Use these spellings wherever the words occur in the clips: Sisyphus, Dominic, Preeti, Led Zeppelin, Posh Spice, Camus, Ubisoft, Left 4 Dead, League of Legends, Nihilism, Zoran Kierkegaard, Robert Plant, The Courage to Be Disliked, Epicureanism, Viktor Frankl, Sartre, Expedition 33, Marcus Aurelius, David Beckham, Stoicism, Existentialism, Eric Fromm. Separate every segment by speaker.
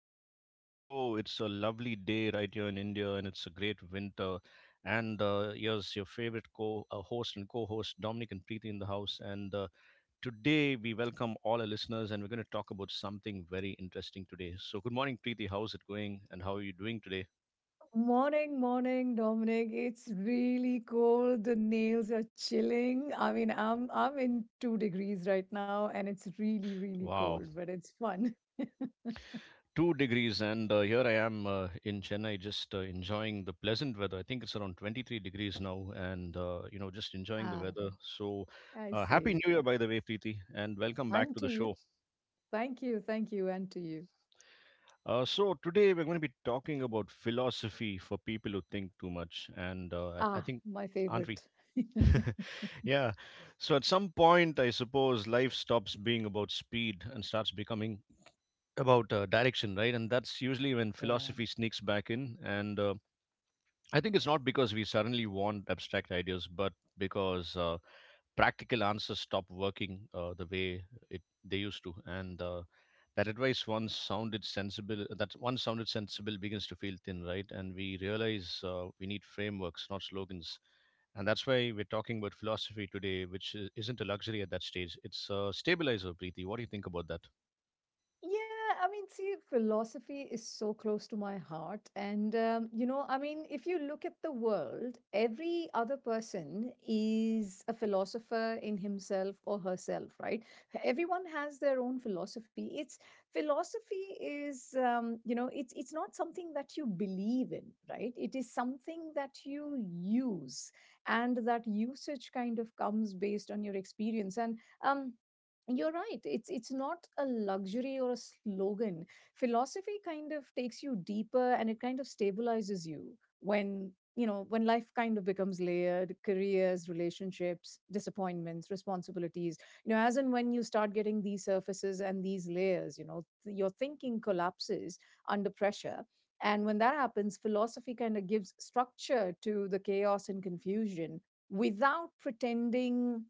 Speaker 1: the morning show. It's a lovely day right here in India, and it's a great winter. And here's your favorite co host and co host, Dominic and Preeti, in the house. And today, we welcome all our listeners, and we're going to talk about something very interesting today. So, good morning, Preeti. How's it going, and how are you doing today?
Speaker 2: Morning, morning, Dominic. It's really cold. The nails are chilling. I'm in 2 degrees right now, and it's really, really
Speaker 1: Wow.
Speaker 2: cold, but it's fun.
Speaker 1: 2 degrees, and here I am in Chennai, just enjoying the pleasant weather. I think it's around 23 degrees now, and just enjoying the
Speaker 2: Ah,
Speaker 1: weather. so
Speaker 2: I
Speaker 1: uh, happy
Speaker 2: see.
Speaker 1: new year, by the way, Preeti, and welcome back
Speaker 2: And
Speaker 1: to
Speaker 2: to
Speaker 1: the show.
Speaker 2: you. Thank you, thank you, and to you.
Speaker 1: So today we're going to be talking about philosophy for people who think too much, and I
Speaker 2: Ah,
Speaker 1: think,
Speaker 2: my
Speaker 1: aren't we?
Speaker 2: favorite.
Speaker 1: Yeah. So at some point, I suppose, life stops being about speed and starts becoming about direction, right? And that's usually when
Speaker 2: Yeah.
Speaker 1: philosophy sneaks back in. And I think it's not because we suddenly want abstract ideas, but because practical answers stop working the way it they used to, and that advice once sounded sensible, that once sounded sensible begins to feel thin, right? And we realize we need frameworks, not slogans, and that's why we're talking about philosophy today, which isn't a luxury at that stage. It's a stabilizer, Preeti. What do you think about that?
Speaker 2: Yeah, see, philosophy is so close to my heart. And, you know, I mean, if you look at the world, every other person is a philosopher in himself or herself, right? Everyone has their own philosophy. It's philosophy is, it's not something that you believe in, right? It is something that you use. And that usage kind of comes based on your experience. Um, you're right, it's not a luxury or a slogan. Philosophy kind of takes you deeper, and it kind of stabilizes you when, you know, when life kind of becomes layered: careers, relationships, disappointments, responsibilities. You know, as and when you start getting these surfaces and these layers, your thinking collapses under pressure. And when that happens, philosophy kind of gives structure to the chaos and confusion without pretending,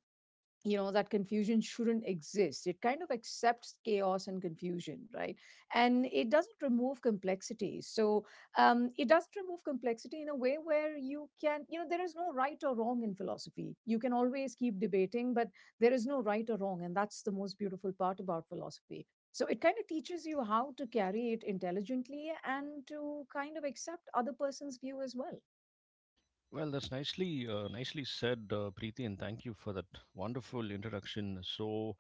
Speaker 2: you know, that confusion shouldn't exist. It kind of accepts chaos and confusion, right? And it doesn't remove complexity. So, it doesn't remove complexity in a way where you can, you know, there is no right or wrong in philosophy. You can always keep debating, but there is no right or wrong, and that's the most beautiful part about philosophy. So it kind of teaches you how to carry it intelligently and to kind of accept other person's view as well.
Speaker 1: Well, that's nicely said, Preeti, and thank you for that wonderful introduction. So.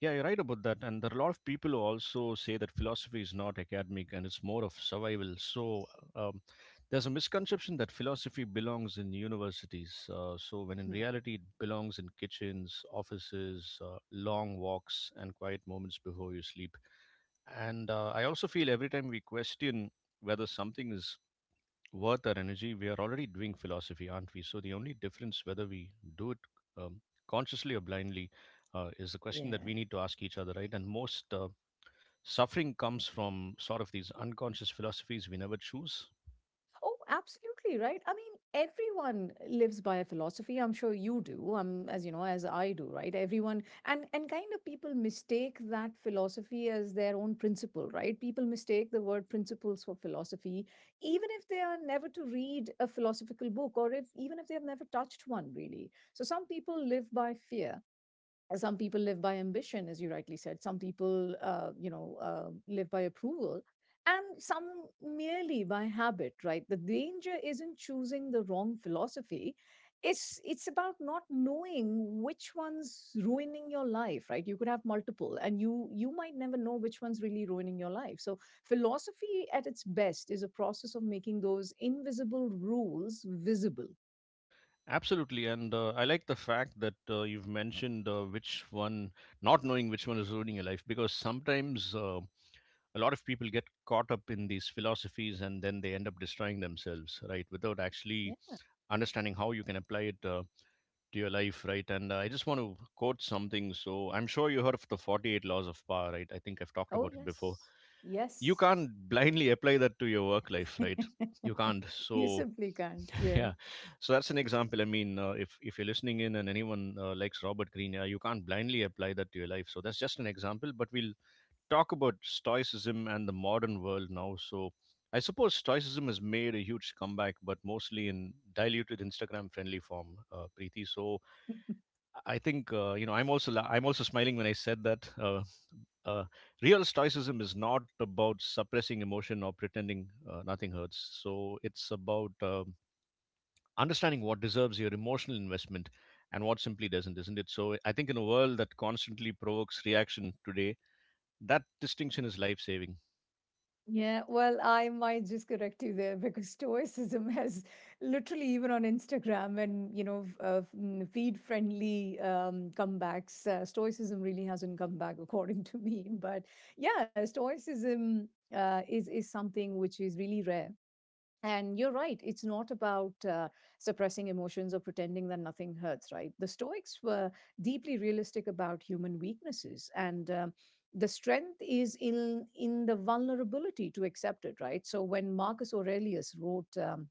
Speaker 1: Yeah, you're right about that. And there are a lot of people who also say that philosophy is not academic and it's more of survival. So um, there's a misconception that philosophy belongs in universities. So when in
Speaker 2: Hmm.
Speaker 1: reality, it belongs in kitchens, offices, long walks, and quiet moments before you sleep. And I also feel every time we question whether something is worth our energy, we are already doing philosophy, aren't we? So the only difference, whether we do it um, consciously or blindly, is the question that
Speaker 2: Yeah.
Speaker 1: we need to ask each other, right? And most suffering comes from sort of these unconscious philosophies we never choose.
Speaker 2: Oh, absolutely right. Everyone lives by a philosophy. I'm sure you do. As you know, as I do, right? Everyone, and kind of, people mistake that philosophy as their own principle, right? People mistake the word principles for philosophy, even if they are never to read a philosophical book, or if, even if they have never touched one, really. So some people live by fear, some people live by ambition, as you rightly said, some people, live by approval, and some merely by habit, right? The danger isn't choosing the wrong philosophy, it's about not knowing which one's ruining your life, right? You could have multiple and you might never know which one's really ruining your life. So philosophy at its best is a process of making those invisible rules visible.
Speaker 1: Absolutely, and I like the fact that you've mentioned which one, not knowing which one is ruining your life, because sometimes a lot of people get caught up in these philosophies and then they end up destroying themselves, right? Without actually
Speaker 2: Yeah.
Speaker 1: understanding how you can apply it to your life, right? And I just want to quote something. So I'm sure you heard of the 48 laws of power, right? I think I've talked
Speaker 2: Oh
Speaker 1: about it before.
Speaker 2: yes.
Speaker 1: You
Speaker 2: Yes.
Speaker 1: can't blindly apply that to your work life, right? You can't.
Speaker 2: You
Speaker 1: So
Speaker 2: simply can't. Yeah.
Speaker 1: yeah, so that's an example. I mean, if you're listening in and anyone likes Robert Greene, yeah, you can't blindly apply that to your life. So that's just an example. But we'll talk about stoicism and the modern world now. So I suppose stoicism has made a huge comeback, but mostly in diluted Instagram friendly form, Preeti. So I think I'm also I'm also smiling when I said that uh, real stoicism is not about suppressing emotion or pretending nothing hurts. So it's about understanding what deserves your emotional investment and what simply doesn't, isn't it? So I think in a world that constantly provokes reaction today, that distinction is life saving.
Speaker 2: Yeah, well, I might just correct you there because Stoicism has literally, even on Instagram and, you know, feed friendly, comebacks, Stoicism really hasn't come back, according to me. But yeah, Stoicism is something which is really rare. And you're right, it's not about suppressing emotions or pretending that nothing hurts, right? The Stoics were deeply realistic about human weaknesses, and, the strength is in the vulnerability to accept it, right? So when Marcus Aurelius wrote,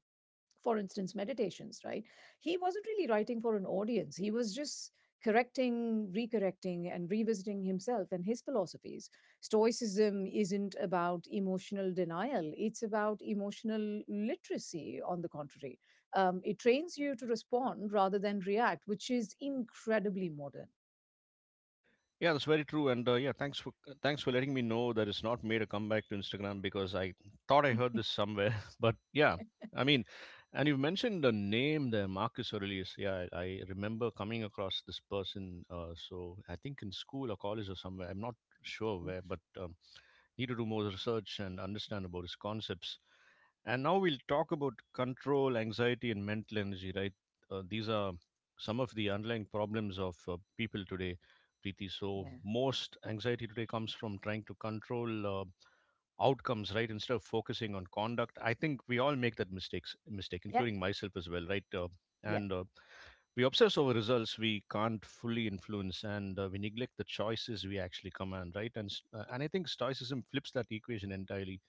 Speaker 2: for instance, Meditations, right? He wasn't really writing for an audience. He was just correcting, recorrecting, and revisiting himself and his philosophies. Stoicism isn't about emotional denial, it's about emotional literacy, on the contrary. It trains you to respond rather than react, which is incredibly modern.
Speaker 1: Yeah, that's very true. And yeah, thanks for thanks for letting me know that it's not made a comeback to Instagram because I thought I heard this somewhere. But yeah, I mean, and you've mentioned the name there, Marcus Aurelius. Yeah, I remember coming across this person. So I think in school or college or somewhere. I'm not sure
Speaker 2: Mm.
Speaker 1: where, but need to do more research and understand about his concepts. And now we'll talk about control, anxiety, and mental energy, right? These are some of the underlying problems of people today, Preeti. So,
Speaker 2: Yeah.
Speaker 1: most anxiety today comes from trying to control outcomes, right? Instead of focusing on conduct. I think we all make that mistake,
Speaker 2: Yeah.
Speaker 1: including myself as well, right?
Speaker 2: Yeah.
Speaker 1: And We obsess over results we can't fully influence, and we neglect the choices we actually command, right? And I think stoicism flips that equation entirely.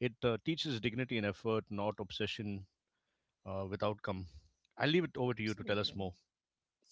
Speaker 1: It teaches dignity and effort, not obsession with outcome. I'll leave it over to you to tell us
Speaker 2: Absolutely.
Speaker 1: more.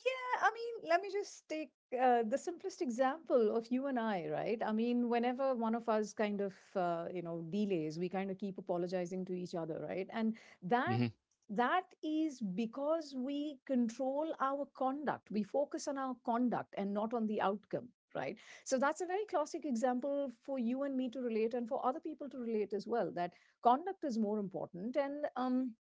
Speaker 2: Let me just take the simplest example of you and I, right? I mean, whenever one of us kind of, you know, delays, we kind of keep apologizing to each other, right? And that
Speaker 1: Hmm.
Speaker 2: that is because we control our conduct. We focus on our conduct and not on the outcome, right? So that's a very classic example for you and me to relate, and for other people to relate as well. That conduct is more important, and,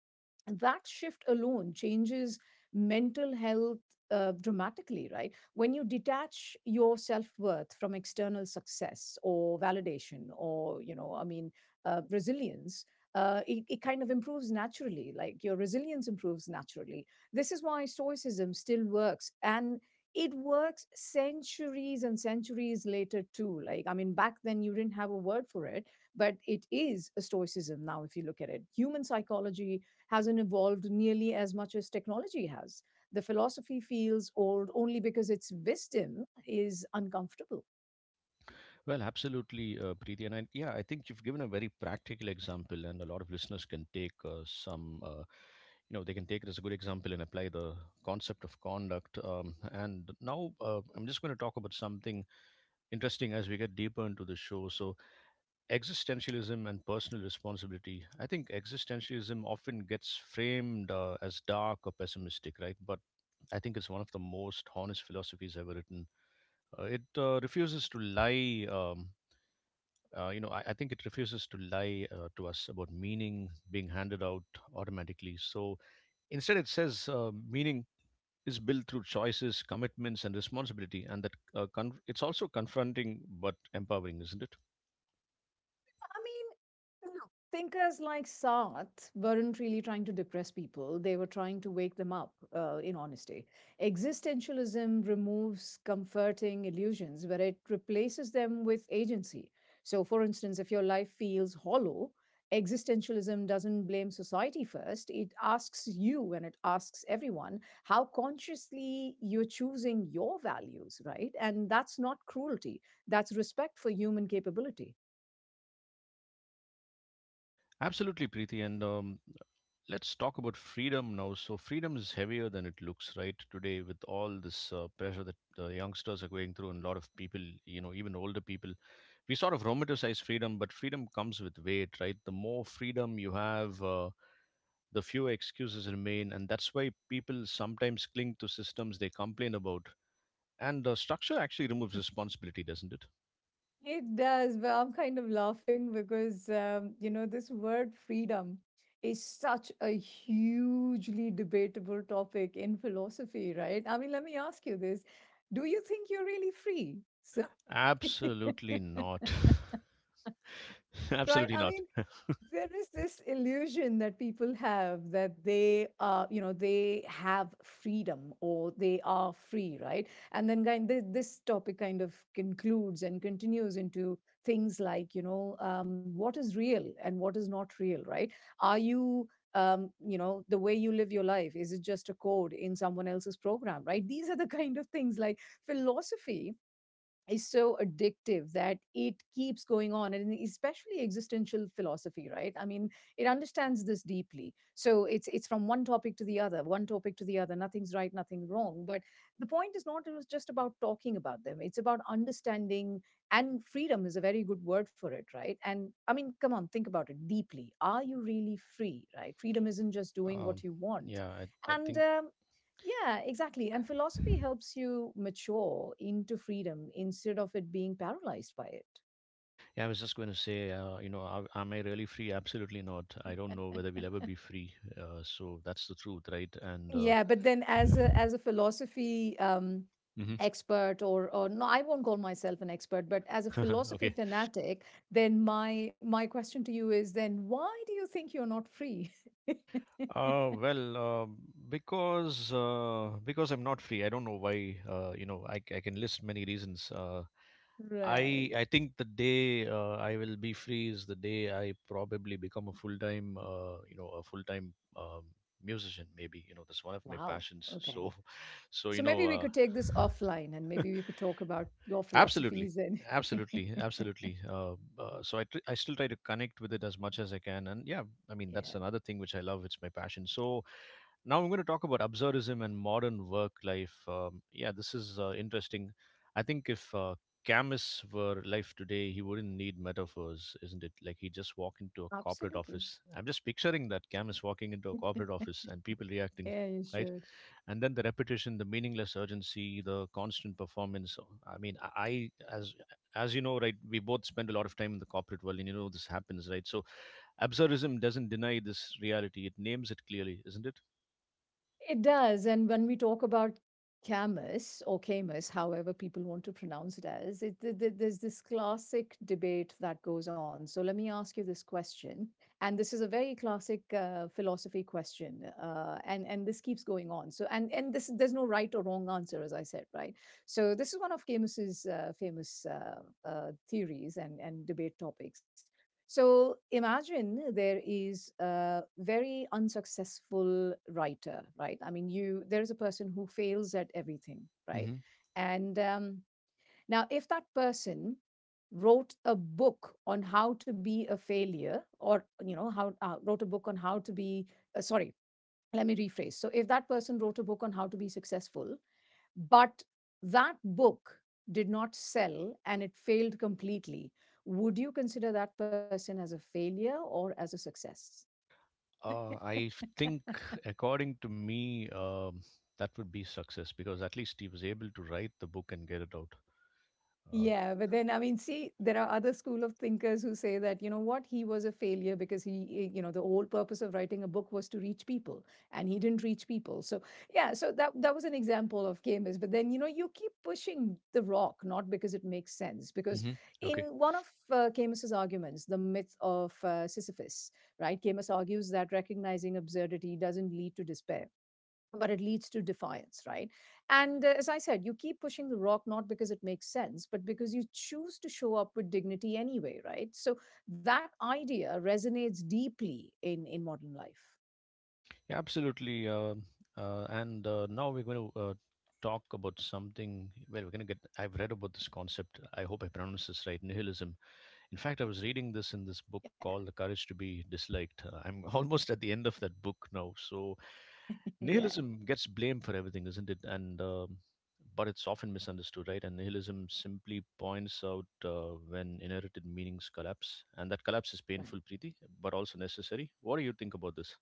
Speaker 2: that shift alone changes mental health dramatically, right? When you detach your self worth from external success or validation or, you know, I mean, resilience. It kind of improves naturally, like your resilience improves naturally. This is why Stoicism still works, and it works centuries and centuries later too. Like, I mean, back then you didn't have a word for it, but it is a Stoicism now. If you look at it, human psychology hasn't evolved nearly as much as technology has. The philosophy feels old only because its wisdom is uncomfortable.
Speaker 1: Well, absolutely, Preeti, and yeah, I think you've given a very practical example, and a lot of listeners can take some. You know, they can take it as a good example and apply the concept of conduct. And now I'm just going to talk about something interesting as we get deeper into the show. So, existentialism and personal responsibility. I think existentialism often gets framed as dark or pessimistic, right? But I think it's one of the most honest philosophies ever written. It refuses to lie. I think it refuses to lie to us about meaning being handed out automatically. So instead, it says meaning is built through choices, commitments, and responsibility, and that it's also confronting but empowering, isn't it?
Speaker 2: I mean, no. Thinkers like Sartre weren't really trying to depress people, they were trying to wake them up, in honesty. Existentialism removes comforting illusions, but it replaces them with agency. So, for instance, if your life feels hollow, existentialism doesn't blame society first. It asks you, and it asks everyone, how consciously you're choosing your values, right? And that's not cruelty, that's respect for human capability.
Speaker 1: Absolutely, Preeti. And Let's talk about freedom now. So, freedom is heavier than it looks, right? Today, with all this pressure that youngsters are going through, and a lot of people, you know, even older people, we sort of romanticize freedom, but freedom comes with weight, right? The more freedom you have, the fewer excuses remain. And that's why people sometimes cling to systems they complain about. And structure actually removes responsibility, doesn't it?
Speaker 2: It does, but I'm kind of laughing because, you know, this word freedom is such a hugely debatable topic in philosophy, right? I mean, let me ask you this. Do you think you're really free? So,
Speaker 1: Absolutely not.
Speaker 2: right?
Speaker 1: Absolutely
Speaker 2: I mean,
Speaker 1: not.
Speaker 2: there is this illusion that people have that they, uh, you know, they have freedom or they are free, right? And then kind, this topic kind of concludes and continues into things like, you know, what is real and what is not real, right? Are you, you know, the way you live your life, is it just a code in someone else's program, right? These are the kind of things. Like, philosophy is so addictive that it keeps going on, and especially existential philosophy, right? It understands this deeply. So it's from one topic to the other, one topic to the other, nothing's right, nothing wrong, but the point is not just about talking about them, it's about understanding. And freedom is a very good word for it, right? And I mean, come on, think about it deeply, are you really free, right? Freedom isn't just doing what
Speaker 1: Um,
Speaker 2: you want.
Speaker 1: yeah, I
Speaker 2: And,
Speaker 1: think.
Speaker 2: yeah, exactly. And philosophy helps you mature into freedom instead of it being paralyzed by it.
Speaker 1: Yeah, I was just going to say, you know, am I really free? Absolutely not. I don't know whether we'll ever be free. So that's the truth, right? And
Speaker 2: Yeah, but then, as a philosophy
Speaker 1: Mhm.
Speaker 2: expert, or no, I won't call myself an expert, but as a philosophy
Speaker 1: Okay.
Speaker 2: fanatic, then my question to you is, then why do you think you're not free?
Speaker 1: Well, because because I'm not free. I don't know why. You know, I can list many reasons. Uh, I
Speaker 2: Right.
Speaker 1: I think the day I will be free is the day I probably become a full time, a full time musician. Maybe you know that's one of my
Speaker 2: Wow.
Speaker 1: passions.
Speaker 2: Okay.
Speaker 1: So, so
Speaker 2: So
Speaker 1: you know.
Speaker 2: maybe we could take this offline and maybe we could talk about your
Speaker 1: Absolutely,
Speaker 2: philosophies and
Speaker 1: absolutely, absolutely. So I I still try to connect with it as much as I can, and yeah, I mean
Speaker 2: yeah,
Speaker 1: that's another thing which I love. It's my passion. So now I'm going to talk about absurdism and modern work life. Yeah, this is interesting. I think if Camus were alive today, he wouldn't need metaphors, isn't it? Like he just walk into a corporate
Speaker 2: absolutely.
Speaker 1: office. I'm just picturing that Camus walking into a corporate office and people reacting,
Speaker 2: Yeah, you
Speaker 1: right?
Speaker 2: should.
Speaker 1: And then the repetition, the meaningless urgency, the constant performance. As as you know, right, we both spend a lot of time in the corporate world, and you know this happens, right? So absurdism doesn't deny this reality, it names it clearly, isn't it?
Speaker 2: It does. And when we talk about Camus or Camus, however people want to pronounce it as, it, there's this classic debate that goes on. So let me ask you this question. And this is a very classic philosophy question. And this keeps going on. So, and this, there's no right or wrong answer, as I said, right? So this is one of Camus's famous theories and debate topics. So imagine there is a very unsuccessful writer, right? I mean, you there is a person who fails at everything, right?
Speaker 1: Hmm.
Speaker 2: And, now, if that person wrote a book on how to be a failure, or you know, how wrote a book on how to be sorry, let me rephrase. So, if that person wrote a book on how to be successful, but that book did not sell and it failed completely. Would you consider that person as a failure or as a success?
Speaker 1: I think, according to me, that would be success because at least he was able to write the book and get it out. Uh,
Speaker 2: Yeah, but then I mean, see, there are other school of thinkers who say that, you know what, he was a failure because he, you know, the whole purpose of writing a book was to reach people, and he didn't reach people. So yeah, so that was an example of Camus. But then, you know, you keep pushing the rock, not because it makes sense, because
Speaker 1: hmm.
Speaker 2: in
Speaker 1: Okay.
Speaker 2: one of Camus's arguments, the Myth of Sisyphus, right? Camus argues that recognizing absurdity doesn't lead to despair, but it leads to defiance, right? And, as I said, you keep pushing the rock, not because it makes sense, but because you choose to show up with dignity anyway, right? So that idea resonates deeply in modern life.
Speaker 1: Yeah, absolutely. And Now we're going to talk about something. Well, we're going to get. I've read about this concept. I hope I pronounce this right. Nihilism. In fact, I was
Speaker 2: Yeah.
Speaker 1: reading this in this book called "The Courage to Be Disliked." I'm almost at the end of that book now. So,
Speaker 2: Yeah.
Speaker 1: nihilism gets blamed for everything, isn't it? And but it's often misunderstood, right? And nihilism simply points out when inherited meanings collapse, and that collapse is
Speaker 2: Right.
Speaker 1: painful, Preeti, but also necessary. What do you think about this?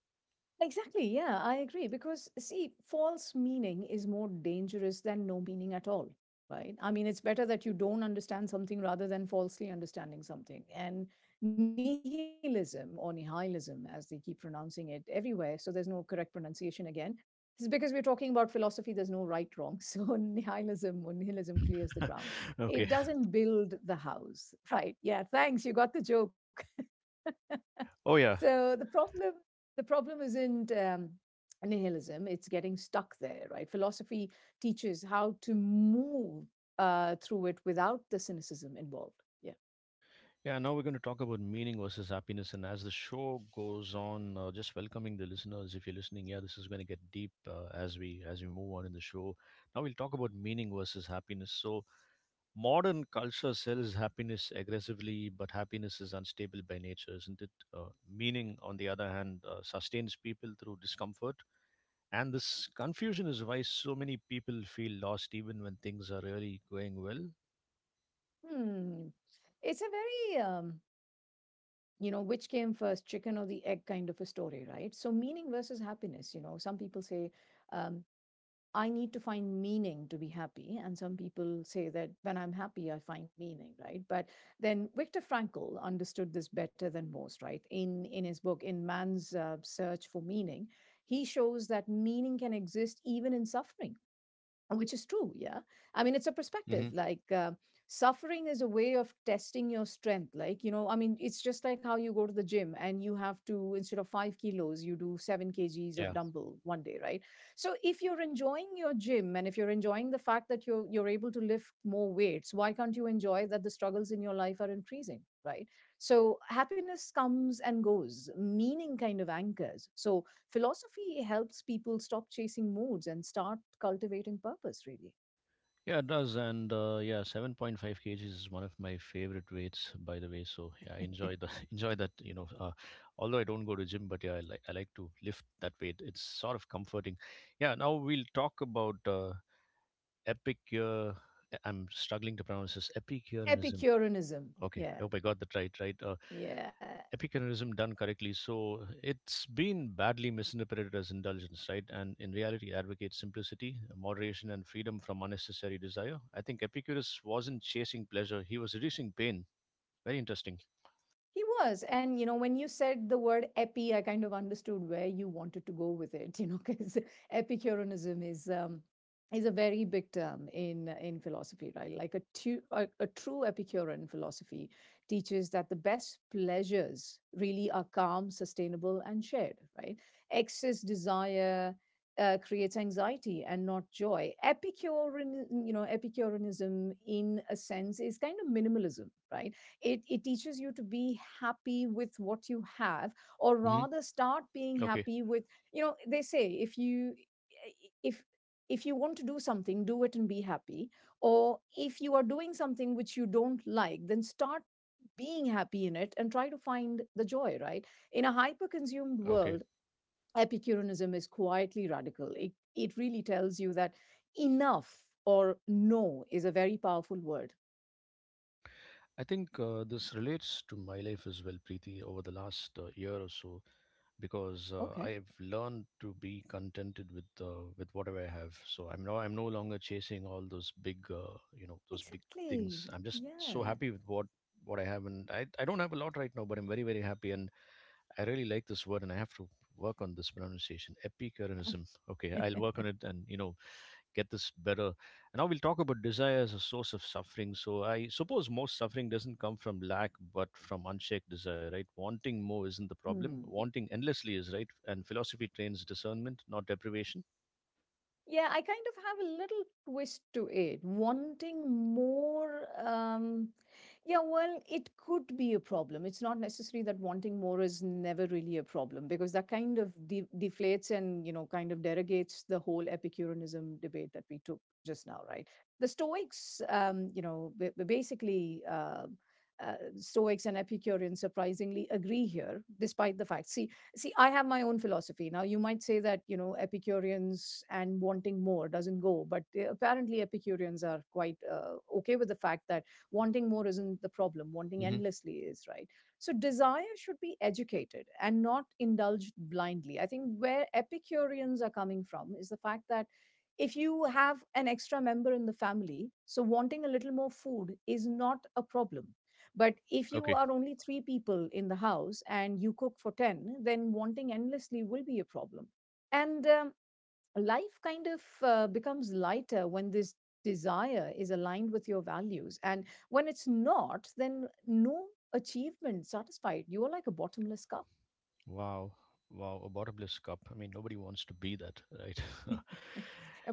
Speaker 2: Exactly, yeah, I agree. Because, see, false meaning is more dangerous than no meaning at all, right? I mean, it's better that you don't understand something rather than falsely understanding something. And nihilism or nihilism, as they keep pronouncing it everywhere, so there's no correct pronunciation again. This is because we're talking about philosophy, there's no right wrong. So, nihilism or nihilism clears the ground. It
Speaker 1: Okay.
Speaker 2: doesn't build the house, right? Yeah, thanks. You got the joke.
Speaker 1: Oh yeah,
Speaker 2: So the problem isn't, nihilism; it's getting stuck there, right? Philosophy teaches how to move, through it without the cynicism involved. Yeah.
Speaker 1: yeah. Now we're going to talk about meaning versus happiness, and as the show goes on, just welcoming the listeners. If you're listening, yeah, this is going to get deep as we move on in the show. Now we'll talk about meaning versus happiness. So modern culture sells happiness aggressively, but happiness is unstable by nature, isn't it? Meaning, on the other hand, sustains people through discomfort, and this confusion is why so many people feel lost even when things are really going well.
Speaker 2: Hmm. It's a very, which came first, chicken or the egg kind of a story, right? So, meaning versus happiness, some people say, um, I need to find meaning to be happy. And some people say that when I'm happy, I find meaning, right? But then Viktor Frankl understood this better than most, right? In his book, In Man's Search for Meaning, he shows that meaning can exist even in suffering, which is true. Yeah, I mean, it's a perspective,
Speaker 1: Hmm.
Speaker 2: like, suffering is a way of testing your strength, like, I mean, it's just like how you go to the gym and you have to, instead of 5 kilos, you do 7 kgs of dumbbell one day, right? So if you're enjoying your gym and if you're enjoying the fact that you're able to lift more weights, why can't you enjoy that the struggles in your life are increasing, right? So happiness comes and goes, meaning kind of anchors. So philosophy helps people stop chasing moods and start cultivating purpose, really.
Speaker 1: Yeah, it does. And yeah, 7.5 kg kgs is one of my favorite weights, by the way. So yeah, I enjoy the enjoy that. Although I don't go to gym, but yeah, I like to lift that weight. It's sort of comforting. Yeah, now we'll talk about epic. I'm struggling to pronounce this. Epicureanism.
Speaker 2: Epicureanism.
Speaker 1: Okay, I
Speaker 2: Yeah.
Speaker 1: hope I got that right. Right,
Speaker 2: Yeah.
Speaker 1: Epicureanism done correctly. So it's been badly misinterpreted as indulgence, right? And in reality, advocates simplicity, moderation, and freedom from unnecessary desire. I think Epicurus wasn't chasing pleasure; he was reducing pain. Very interesting.
Speaker 2: He was. And, when you said the word epi, I kind of understood where you wanted to go with it, because Epicureanism is. Is a very big term in philosophy, right? Like a true epicurean philosophy teaches that the best pleasures really are calm, sustainable, and shared, right? Excess desire creates anxiety and not joy. Epicurean, epicureanism in a sense is kind of minimalism, right? It teaches you to be happy with what you have, or
Speaker 1: Hmm.
Speaker 2: rather start being
Speaker 1: Okay,
Speaker 2: happy with. You know, they say if if you want to do something, do it and be happy. Or if you are doing something which you don't like, then start being happy in it and try to find the joy, right? In a hyper consumed
Speaker 1: okay.
Speaker 2: world, epicureanism is quietly radical. It really tells you that enough or no is a very powerful word.
Speaker 1: I think this relates to my life as well, Preeti. Over the last year or so, because
Speaker 2: Okay.
Speaker 1: I've learned to be contented with with whatever I have. So I'm no longer chasing all those big you know those big things.
Speaker 2: Exactly.
Speaker 1: I'm just so
Speaker 2: Yeah.
Speaker 1: happy with what I have, and I don't have a lot right now, but I'm very very happy, and I really like this word, and I have to work on this pronunciation epicureanism. Okay, I'll work on it, and you know, get this better. And now we'll talk about desire as a source of suffering. So I suppose most suffering doesn't come from lack, but from unshaked desire, right? Wanting more isn't the problem.
Speaker 2: Hmm.
Speaker 1: Wanting endlessly is right. And philosophy trains discernment, not deprivation.
Speaker 2: Yeah, I kind of have a little twist to it, wanting more. Yeah, well, it could be a problem. It's not necessarily that wanting more is never really a problem, because that kind of deflates and, you know, kind of derogates the whole Epicureanism debate that we took just now, right? The Stoics, basically, Stoics and Epicureans surprisingly agree here, despite the fact. See, I have my own philosophy. Now, you might say that, you know, Epicureans and wanting more doesn't go, but they, apparently Epicureans are quite okay with the fact that wanting more isn't the problem, wanting
Speaker 1: Hmm.
Speaker 2: endlessly is, right? So, desire should be educated and not indulged blindly. I think where Epicureans are coming from is the fact that if you have an extra member in the family, so wanting a little more food is not a problem, but if you
Speaker 1: Okay.
Speaker 2: are only three people in the house and you cook for 10, then wanting endlessly will be a problem. And life kind of becomes lighter when this desire is aligned with your values. And when it's not, then no achievement satisfied. You are like a bottomless cup.
Speaker 1: Wow. Wow. A bottomless cup. I mean, nobody wants to be that, right?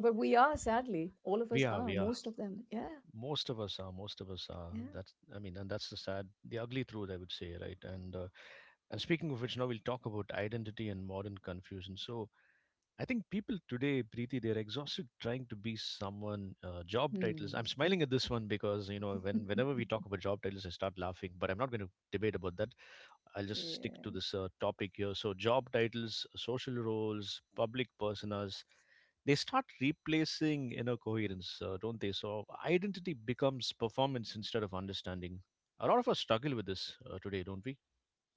Speaker 2: But we are, sadly, all of
Speaker 1: We
Speaker 2: us
Speaker 1: are.
Speaker 2: are,
Speaker 1: We are.
Speaker 2: most of them. Yeah,
Speaker 1: Most of us are. Most of us are.
Speaker 2: yeah.
Speaker 1: That's. I mean, and that's the sad, the ugly truth, I would say, right? And speaking of which, now we'll talk about identity and modern confusion. So I think people today, Preeti, they're exhausted trying to be someone. Job titles. I'm
Speaker 2: Hmm.
Speaker 1: smiling at this one because you know when whenever we talk about job titles, I start laughing. But I'm not going to debate about that. I'll just stick to
Speaker 2: Yeah.
Speaker 1: this topic here. So, job titles, social roles, public personas, they start replacing inner coherence, don't they? So, identity becomes performance instead of understanding. A lot of us struggle with this today, don't we?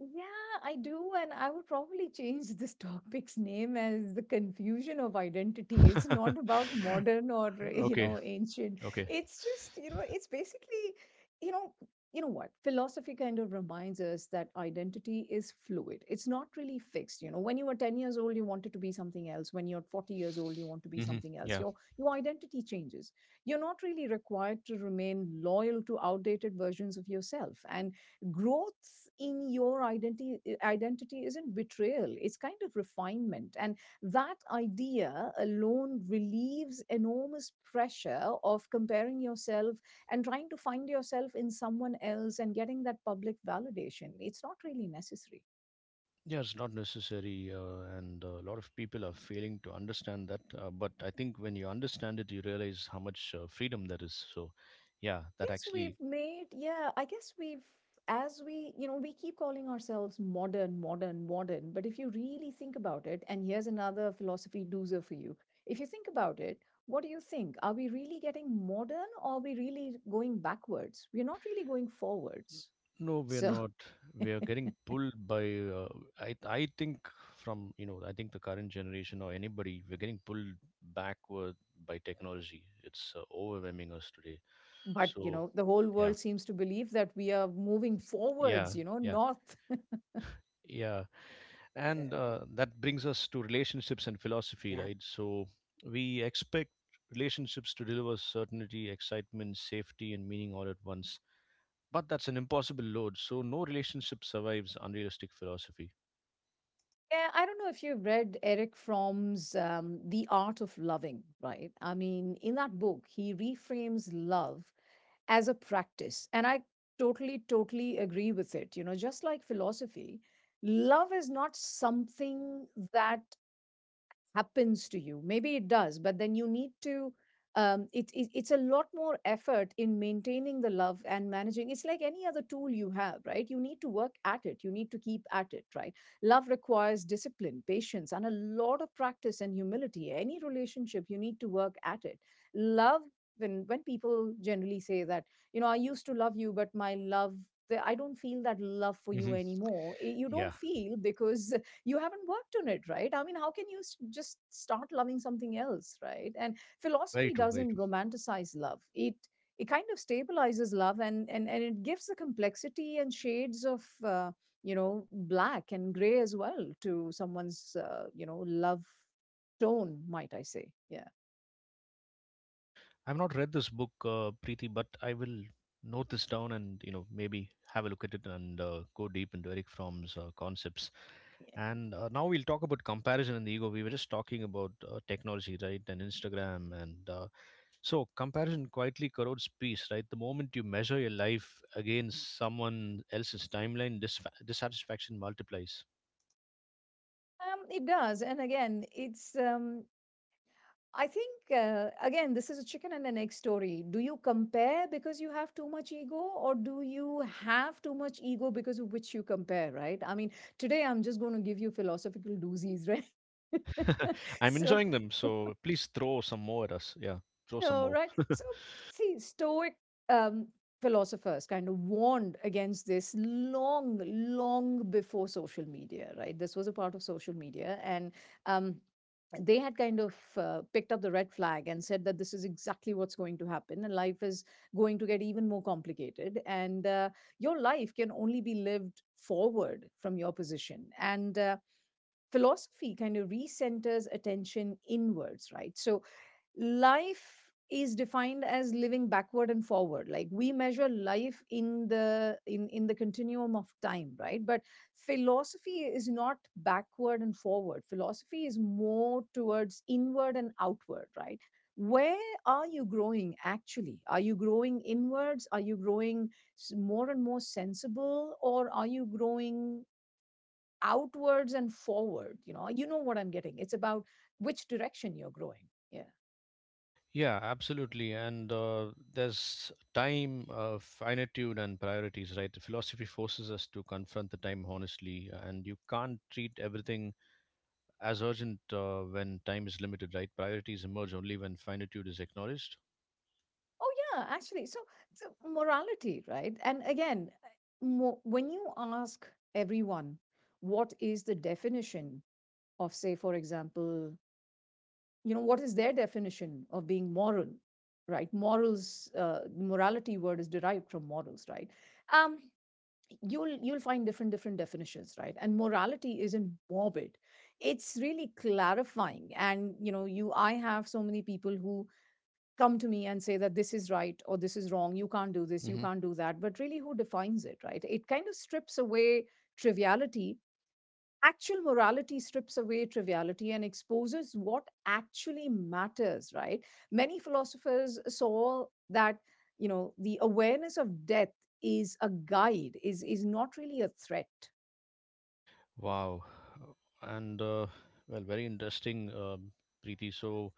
Speaker 2: Yeah, I do. And I would probably change this topic's name as the confusion of identity. It's not about modern or, you
Speaker 1: Okay,
Speaker 2: know, ancient.
Speaker 1: okay.
Speaker 2: It's just, it's basically, you know, you know what? Philosophy kind of reminds us that identity is fluid. It's not really fixed. You know, when you were 10 years old, you wanted to be something else. When you're 40 years old, you want to be
Speaker 1: Hmm.
Speaker 2: something else. Your identity changes. You're not really required to remain loyal to outdated versions of yourself. And growth in your identity isn't betrayal. It's kind of refinement. And that idea alone relieves enormous pressure of comparing yourself and trying to find yourself in someone else and getting that public validation. It's not really necessary.
Speaker 1: Yeah, it's not necessary, and a lot of people are failing to understand that. But I think when you understand it, you realize how much freedom there is. So, yeah, that
Speaker 2: Guess
Speaker 1: actually,
Speaker 2: we've made, yeah, I guess we've, as we, you know, we keep calling ourselves modern, modern, modern. But if you really think about it, and here's another philosophy doozer for you. If you think about it, what do you think? Are we really getting modern or are we really going backwards? We're not really going forwards.
Speaker 1: no, we're
Speaker 2: So,
Speaker 1: not. We are getting pulled by. Uh, I think from you know I think the current generation or anybody, we're getting pulled backward by technology. It's overwhelming us today.
Speaker 2: but,
Speaker 1: So
Speaker 2: the whole
Speaker 1: yeah,
Speaker 2: world seems to believe that we are moving
Speaker 1: yeah,
Speaker 2: forwards,
Speaker 1: yeah,
Speaker 2: north.
Speaker 1: yeah. And that brings us to relationships and philosophy,
Speaker 2: Yeah.
Speaker 1: right? So we expect relationships to deliver certainty, excitement, safety, and meaning all at once, but that's an impossible load, so no relationship survives unrealistic philosophy.
Speaker 2: Yeah, I don't know if you've read Eric Fromm's The Art of Loving, right? I mean, in that book, he reframes love as a practice. And I totally, totally agree with it. You know, just like philosophy, love is not something that happens to you. Maybe it does, but then you need to it's a lot more effort in maintaining the love and managing. It's like any other tool you have, right? You need to work at it, you need to keep at it, right? Love requires discipline, patience, and a lot of practice and humility. Any relationship, you need to work at it. Love, when people generally say that, you know, I used to love you but my love, I don't feel that love for you
Speaker 1: Hmm.
Speaker 2: anymore. Eh, you don't
Speaker 1: Yeah.
Speaker 2: feel because you haven't worked on it, right? I mean, how can you just start loving something else, right? And
Speaker 1: Very
Speaker 2: philosophy
Speaker 1: true, very
Speaker 2: doesn't
Speaker 1: true.
Speaker 2: romanticize love. It kind of stabilizes love and it gives the complexity and shades of black and gray as well to someone's love tone, might I say. Yeah.
Speaker 1: I've not read this book, Preeti, but I will note this down and you know maybe have a look at it and go deep into Eric Fromm's concepts.
Speaker 2: Yeah.
Speaker 1: And now we'll talk about comparison and the ego. We were just talking about technology, right, and Instagram, and so comparison quietly corrodes peace, right? The moment you measure your life against someone else's timeline, disfa dissatisfaction multiplies.
Speaker 2: It does. And again, it's I think, again, this is a chicken and an egg story. Do you compare because you have too much ego, or do you have too much ego because of which you compare, right? I mean, today I'm just going to give you philosophical doozies, right?
Speaker 1: I'm
Speaker 2: So,
Speaker 1: enjoying them, so please throw some more at us. Yeah, throw some
Speaker 2: know,
Speaker 1: more.
Speaker 2: right? So, see, Stoic um, philosophers kind of warned against this long, long before social media, right? This was a part of social media. And um, they had kind of picked up the red flag and said that this is exactly what's going to happen and life is going to get even more complicated and your life can only be lived forward from your position and philosophy kind of recenters attention inwards, right? So life is defined as living backward and forward, like we measure life in the continuum of time, right? But philosophy is not backward and forward. Philosophy is more towards inward and outward, right? Where are you growing, actually? Are you growing inwards? Are you growing more and more sensible, or are you growing outwards and forward? You know, you know what I'm getting. It's about which direction you're growing. Yeah.
Speaker 1: Yeah, absolutely. And there's time, finitude, and priorities, right? The philosophy forces us to confront the time honestly, and you can't treat everything as urgent when time is limited, right? Priorities emerge only when finitude is acknowledged.
Speaker 2: Oh, yeah, actually. So, morality, right? And again, when you ask everyone, what is the definition of, say, for example, you know, what is their definition of being moral, right? Morals, the morality word is derived from morals, right? Um, you'll find different definitions, right? And morality isn't morbid, it's really clarifying. And you know, you, I have so many people who come to me and say that this is right or this is wrong, you can't do this, you
Speaker 1: Hmm.
Speaker 2: can't do that. But really, who defines it, right? It kind of strips away triviality. Actual morality strips away triviality and exposes what actually matters, right? Many philosophers saw that, you know, the awareness of death is a guide, is not really a threat.
Speaker 1: Wow. And, well, very interesting, um, Preeti. So,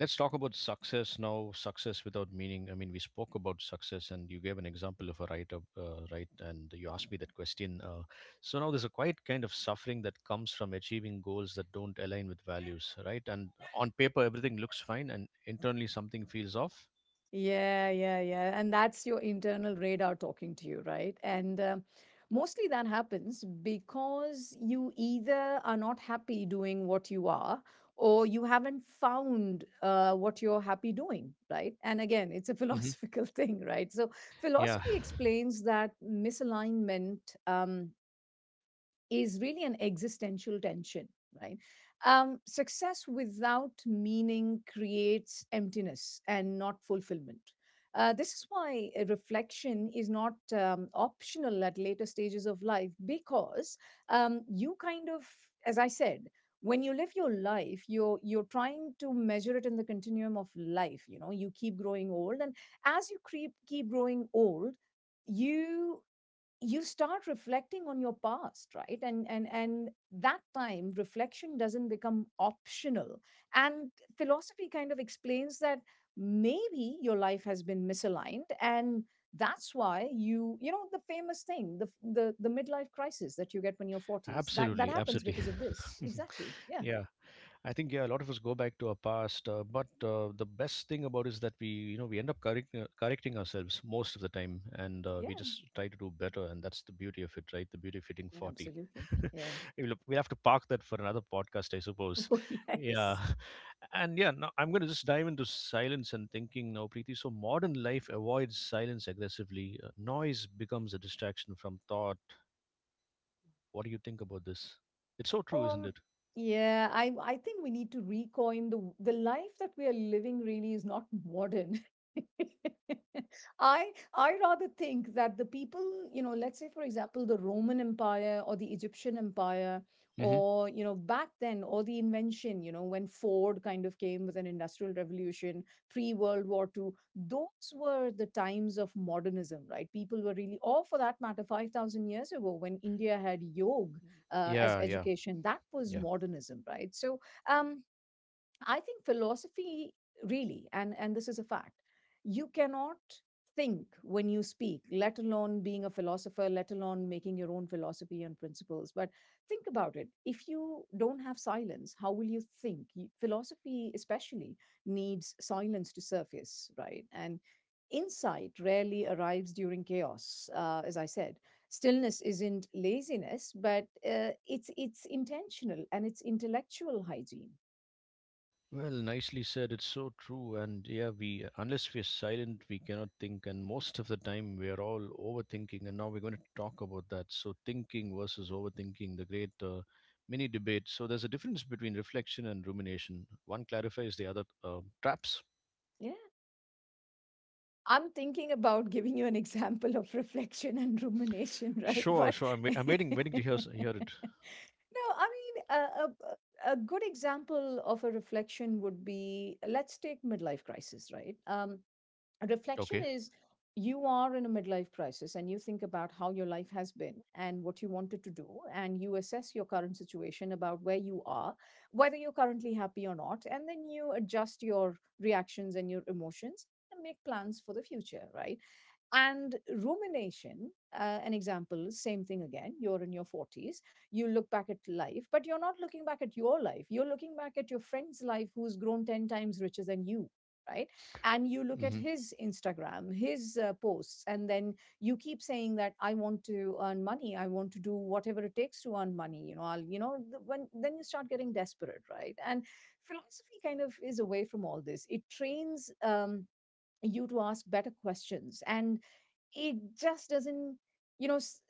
Speaker 1: let's talk about success now. Success without meaning. I mean, we spoke about success, and you gave an example of a writer, right? And you asked me that question. So now there's a quite kind of suffering that comes from achieving goals that don't align with values, right? And on paper, everything looks fine, and internally, something feels off.
Speaker 2: Yeah, yeah, yeah. And that's your internal radar talking to you, right? And mostly that happens because you either are not happy doing what you are, or you haven't found what you're happy doing, right? And again, it's a
Speaker 1: Hmm.
Speaker 2: philosophical thing, right? So
Speaker 1: Yeah,
Speaker 2: philosophy explains that misalignment. Um, is really an existential tension, right? Success without meaning creates emptiness and not fulfillment. This is why reflection is not optional at later stages of life, because you kind of, as I said, when you live your life, you're trying to measure it in the continuum of life. You know, you keep growing old, and as you keep growing old, you you start reflecting on your past, right? And that time reflection doesn't become optional, and philosophy kind of explains that maybe your life has been misaligned. And that's why, you know, the famous thing, the midlife crisis that you get when you're 40s, that
Speaker 1: absolutely,
Speaker 2: happens
Speaker 1: absolutely.
Speaker 2: because of this exactly. Yeah,
Speaker 1: Yeah, I think yeah, a lot of us go back to our past, but the best thing about it is that we, you know, we end up correcting ourselves most of the time, and
Speaker 2: yeah,
Speaker 1: we just try to do better, and that's the beauty of it, right? The beauty of hitting 40.
Speaker 2: absolutely, yeah.
Speaker 1: We'll have to park that for another podcast, I suppose.
Speaker 2: Oh
Speaker 1: Yeah,
Speaker 2: yes.
Speaker 1: and yeah, now I'm going to just dive into silence and thinking now, Preeti. So modern life avoids silence aggressively. Noise becomes a distraction from thought. What do you think about this? It's so true, isn't
Speaker 2: Um,
Speaker 1: it?
Speaker 2: yeah, I think we need to recoin the life that we are living really is not modern. I rather think that the people, you know, let's say for example the Roman Empire or the Egyptian Empire,
Speaker 1: Hmm.
Speaker 2: or you know, back then, or the invention, you know, when Ford kind of came with an industrial revolution, pre-World War Two, those were the times of modernism, right? People were really, or for that matter 5000 years ago when India had yog as
Speaker 1: Yeah, yeah,
Speaker 2: education. That was
Speaker 1: yeah.
Speaker 2: modernism, right? So um, I think philosophy really, and this is a fact, you cannot think when you speak, let alone being a philosopher, let alone making your own philosophy and principles. But think about it. If you don't have silence, how will you think? Philosophy, especially, needs silence to surface, right? And insight rarely arrives during chaos, as I said. Stillness isn't laziness, but it's intentional and it's intellectual hygiene.
Speaker 1: Well, nicely said. It's so true. And yeah, we unless we're silent, we cannot think. And most of the time, we are all overthinking. And now we're going to talk about that. So, thinking versus overthinking, the great mini debate. So, there's a difference between reflection and rumination. One clarifies, the other traps.
Speaker 2: Yeah, I'm thinking about giving you an example of reflection and rumination, right?
Speaker 1: Sure,
Speaker 2: But
Speaker 1: sure. I'm waiting, waiting to hear it.
Speaker 2: no, I mean, a good example of a reflection would be let's take midlife crisis, right? Reflection
Speaker 1: Okay.
Speaker 2: is you are in a midlife crisis and you think about how your life has been and what you wanted to do, and you assess your current situation about where you are, whether you're currently happy or not, and then you adjust your reactions and your emotions and make plans for the future, right? And rumination, an example, same thing again. You're in your 40s, you look back at life, but you're not looking back at your life. You're looking back at your friend's life who's grown 10 times richer than you, right? And you look at
Speaker 1: Hmm.
Speaker 2: his Instagram, his posts, and then you keep saying that I want to earn money. I want to do whatever it takes to earn money. You know, I'll, you know, when then you start getting desperate, right? And philosophy kind of is away from all this. It trains. You to ask better questions, and it just doesn't, you know s-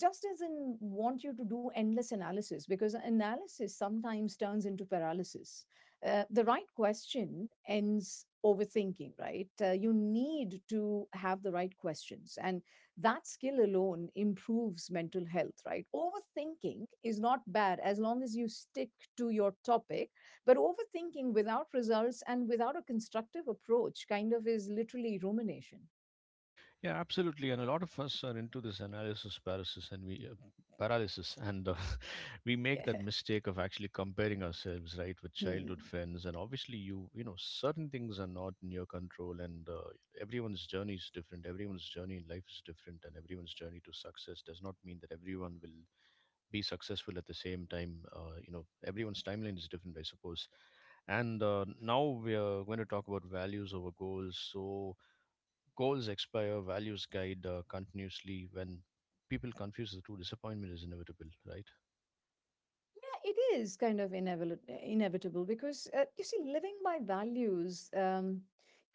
Speaker 2: just doesn't want you to do endless analysis because analysis sometimes turns into paralysis. The right question ends overthinking, right? You need to have the right questions, and that skill alone improves mental health, right? Overthinking is not bad as long as you stick to your topic, but overthinking without results and without a constructive approach kind of is literally rumination.
Speaker 1: Yeah, absolutely. And a lot of us are into this analysis paralysis, and we paralysis, and we make
Speaker 2: Yeah.
Speaker 1: that mistake of actually comparing ourselves, right, with
Speaker 2: Hmm.
Speaker 1: childhood friends. And obviously, you know, certain things are not in your control, and everyone's journey is different. Everyone's journey in life is different, and everyone's journey to success does not mean that everyone will be successful at the same time. You know, everyone's timeline is different, I suppose. And now we are going to talk about values over goals. So goals expire, values guide continuously. When people confuse the two, disappointment is inevitable, right?
Speaker 2: Yeah, it is kind of inevitable, inevitable because you see, living by values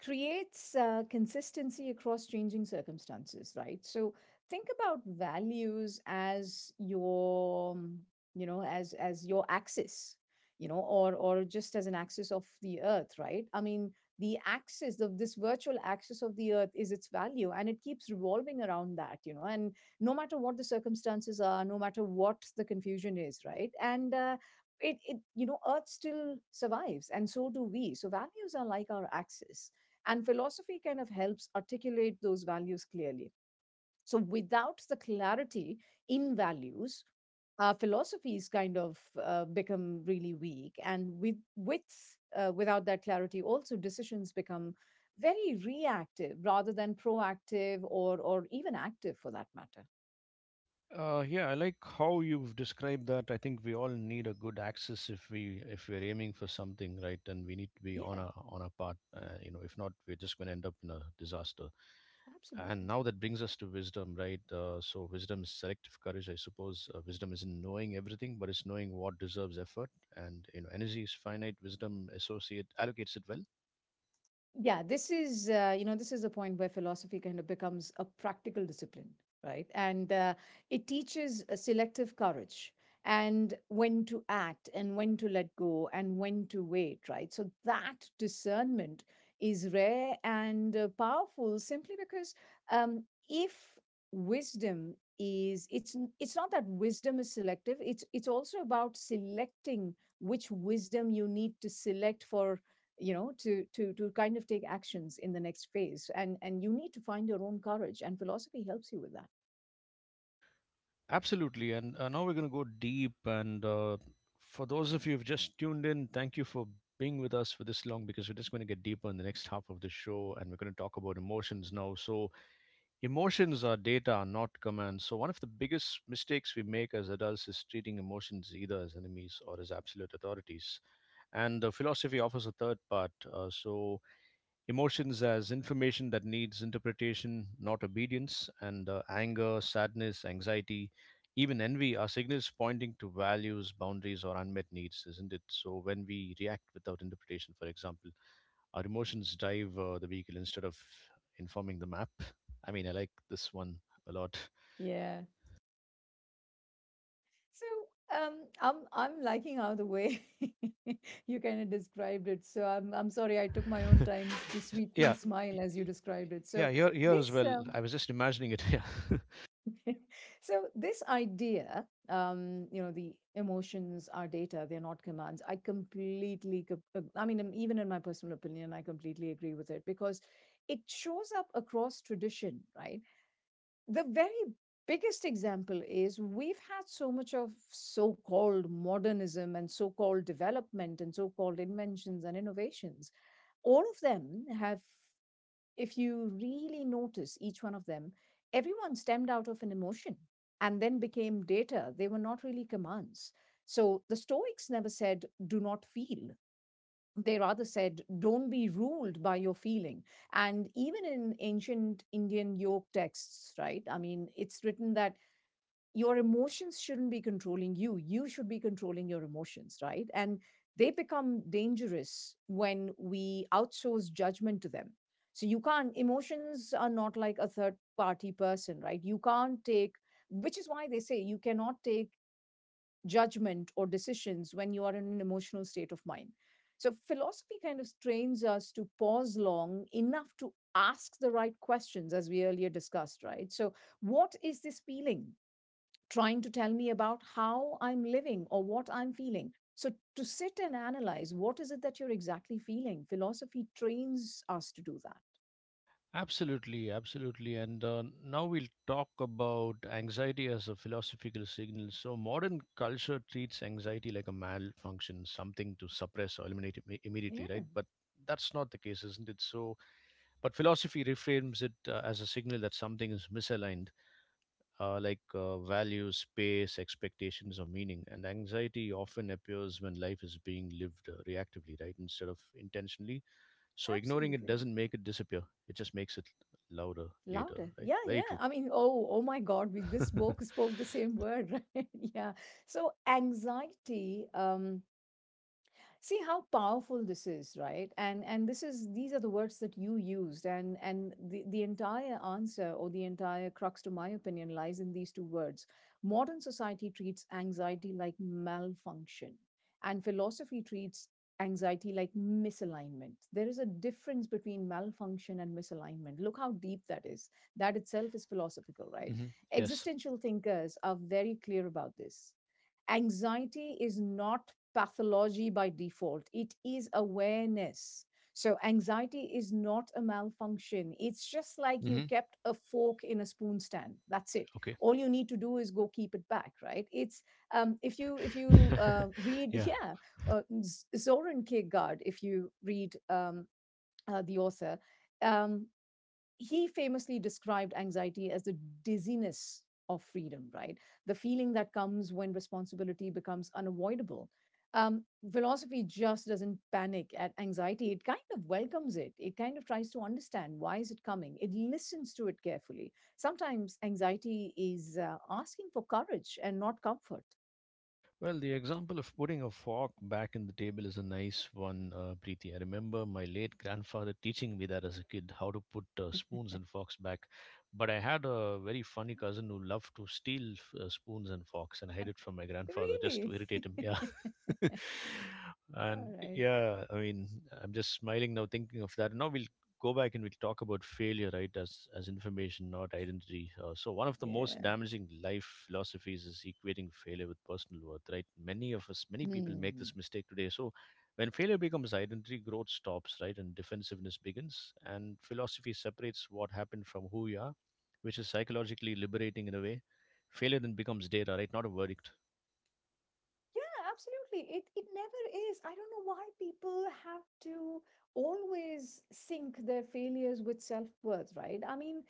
Speaker 2: creates consistency across changing circumstances, right? So think about values as your, you know, as your axis, you know, or just as an axis of the earth, right? I mean, the axis of this virtual axis of the earth is its value, and it keeps revolving around that, you know, and no matter what the circumstances are, no matter what the confusion is, right? And it, it, you know, Earth still survives, and so do we. So values are like our axis, and philosophy kind of helps articulate those values clearly. So without the clarity in values, our philosophies kind of become really weak, and with without that clarity, also decisions become very reactive rather than proactive or even active for that matter.
Speaker 1: Yeah, I like how you've described that. I think we all need a good axis if we if we're aiming for something, right? And we need to be on
Speaker 2: Yeah,
Speaker 1: our path. You know, if not, we're just going to end up in a disaster. And
Speaker 2: absolutely.
Speaker 1: now that brings us to wisdom, right? So wisdom is selective courage, I suppose. Wisdom isn't knowing everything, but it's knowing what deserves effort. And you know, energy is finite. Wisdom associate allocates it well.
Speaker 2: Yeah, this is you know, this is a point where philosophy kind of becomes a practical discipline, right? And it teaches a selective courage and when to act and when to let go and when to wait, right? So that discernment is rare and powerful simply because um, if wisdom is, it's not that wisdom is selective, it's also about selecting which wisdom you need to select for, you know, to to kind of take actions in the next phase, and you need to find your own courage, and philosophy helps you with that.
Speaker 1: Absolutely. And now we're going to go deep. And for those of you who've just tuned in, thank you for being with us for this long, because we're just going to get deeper in the next half of the show, and we're going to talk about emotions now. So, emotions are data, not commands. So, one of the biggest mistakes we make as adults is treating emotions either as enemies or as absolute authorities. And the philosophy offers a third part. So, emotions as information that needs interpretation, not obedience, and anger, sadness, anxiety, even envy are signals pointing to values, boundaries, or unmet needs, isn't it? So, when we react without interpretation, for example, our emotions drive the vehicle instead of informing the map. I mean, I like this one a lot.
Speaker 2: Yeah. So um, I'm liking how the way you kind of described it. So I'm sorry I took my own time to sweetly
Speaker 1: Yeah,
Speaker 2: smile as you described it. So
Speaker 1: yeah, here, here as
Speaker 2: this
Speaker 1: well. I was just imagining it. Yeah.
Speaker 2: so this idea, you know, the emotions are data, they're not commands. I completely I mean, even in my personal opinion I completely agree with it because it shows up across tradition, right? The very biggest example is we've had so much of so-called modernism and so-called development and so-called inventions and innovations. All of them have, if you really notice each one of them, everyone stemmed out of an emotion and then became data. They were not really commands. So the Stoics never said, do not feel. They rather said, don't be ruled by your feeling. And even in ancient Indian yoke texts, right? I mean, it's written that your emotions shouldn't be controlling you. You should be controlling your emotions, right? And they become dangerous when we outsource judgment to them. So you can't, emotions are not like a third party person, right? You can't take, which is why they say you cannot take judgment or decisions when you are in an emotional state of mind. So philosophy kind of trains us to pause long enough to ask the right questions, as we earlier discussed, right? So, what is this feeling trying to tell me about how I'm living or what I'm feeling? So, to sit and analyze what is it that you're exactly feeling, philosophy trains us to do that.
Speaker 1: Absolutely, absolutely. And now we'll talk about anxiety as a philosophical signal. So, modern culture treats anxiety like a malfunction, something to suppress or eliminate immediately,
Speaker 2: Yeah,
Speaker 1: right? But that's not the case, isn't it? So, but philosophy reframes it as a signal that something is misaligned, like values, space, expectations, or meaning. And anxiety often appears when life is being lived reactively, right, instead of intentionally, so ignoring it
Speaker 2: absolutely.
Speaker 1: doesn't make it disappear. It just makes it louder later,
Speaker 2: Louder.
Speaker 1: right?
Speaker 2: Yeah,
Speaker 1: Very
Speaker 2: yeah.
Speaker 1: true.
Speaker 2: I mean, oh, oh my God, we just spoke spoke the same word, right? Yeah. So anxiety, see how powerful this is, right? And this is, these are the words that you used, and the entire answer or the entire crux to my opinion lies in these two words. Modern society treats anxiety like malfunction, and philosophy treats anxiety like misalignment. There is a difference between malfunction and misalignment. Look how deep that is. That itself is philosophical, right?
Speaker 1: Hmm. Yes.
Speaker 2: Existential thinkers are very clear about this. Anxiety is not pathology by default, it is awareness. So, anxiety is not a malfunction. It's just like you
Speaker 1: Hmm.
Speaker 2: kept a fork in a spoon stand. That's it.
Speaker 1: Okay.
Speaker 2: All you need to do is go keep it back, right? It's if you read,
Speaker 1: Yeah.
Speaker 2: yeah, Zoran Kierkegaard. If you read the author, um, he famously described anxiety as the dizziness of freedom, right? The feeling that comes when responsibility becomes unavoidable. Um, Philosophy just doesn't panic at anxiety. It kind of welcomes it. It kind of tries to understand why is it coming. It listens to it carefully. Sometimes anxiety is asking for courage and not comfort.
Speaker 1: Well, the example of putting a fork back in the table is a nice one, Preeti. I remember my late grandfather teaching me that as a kid, how to put spoons and forks back. But I had a very funny cousin who loved to steal spoons and forks and hide it from my grandfather just to
Speaker 2: Really?
Speaker 1: irritate him. Yeah. And
Speaker 2: All right.
Speaker 1: yeah, I mean, I'm just smiling now thinking of that. Now we'll go back and we'll talk about failure, right, as information, not identity. So, one of the most
Speaker 2: Yeah.
Speaker 1: damaging life philosophies is equating failure with personal worth, right? Many people make
Speaker 2: Hmm.
Speaker 1: this mistake today. So, when failure becomes identity, growth stops, right, and defensiveness begins. And philosophy separates what happened from who you are, which is psychologically liberating in a way. Failure then becomes data, right, not a verdict.
Speaker 2: Yeah, absolutely. It never is. I don't know why people have to always sync their failures with self-worth, right? I mean,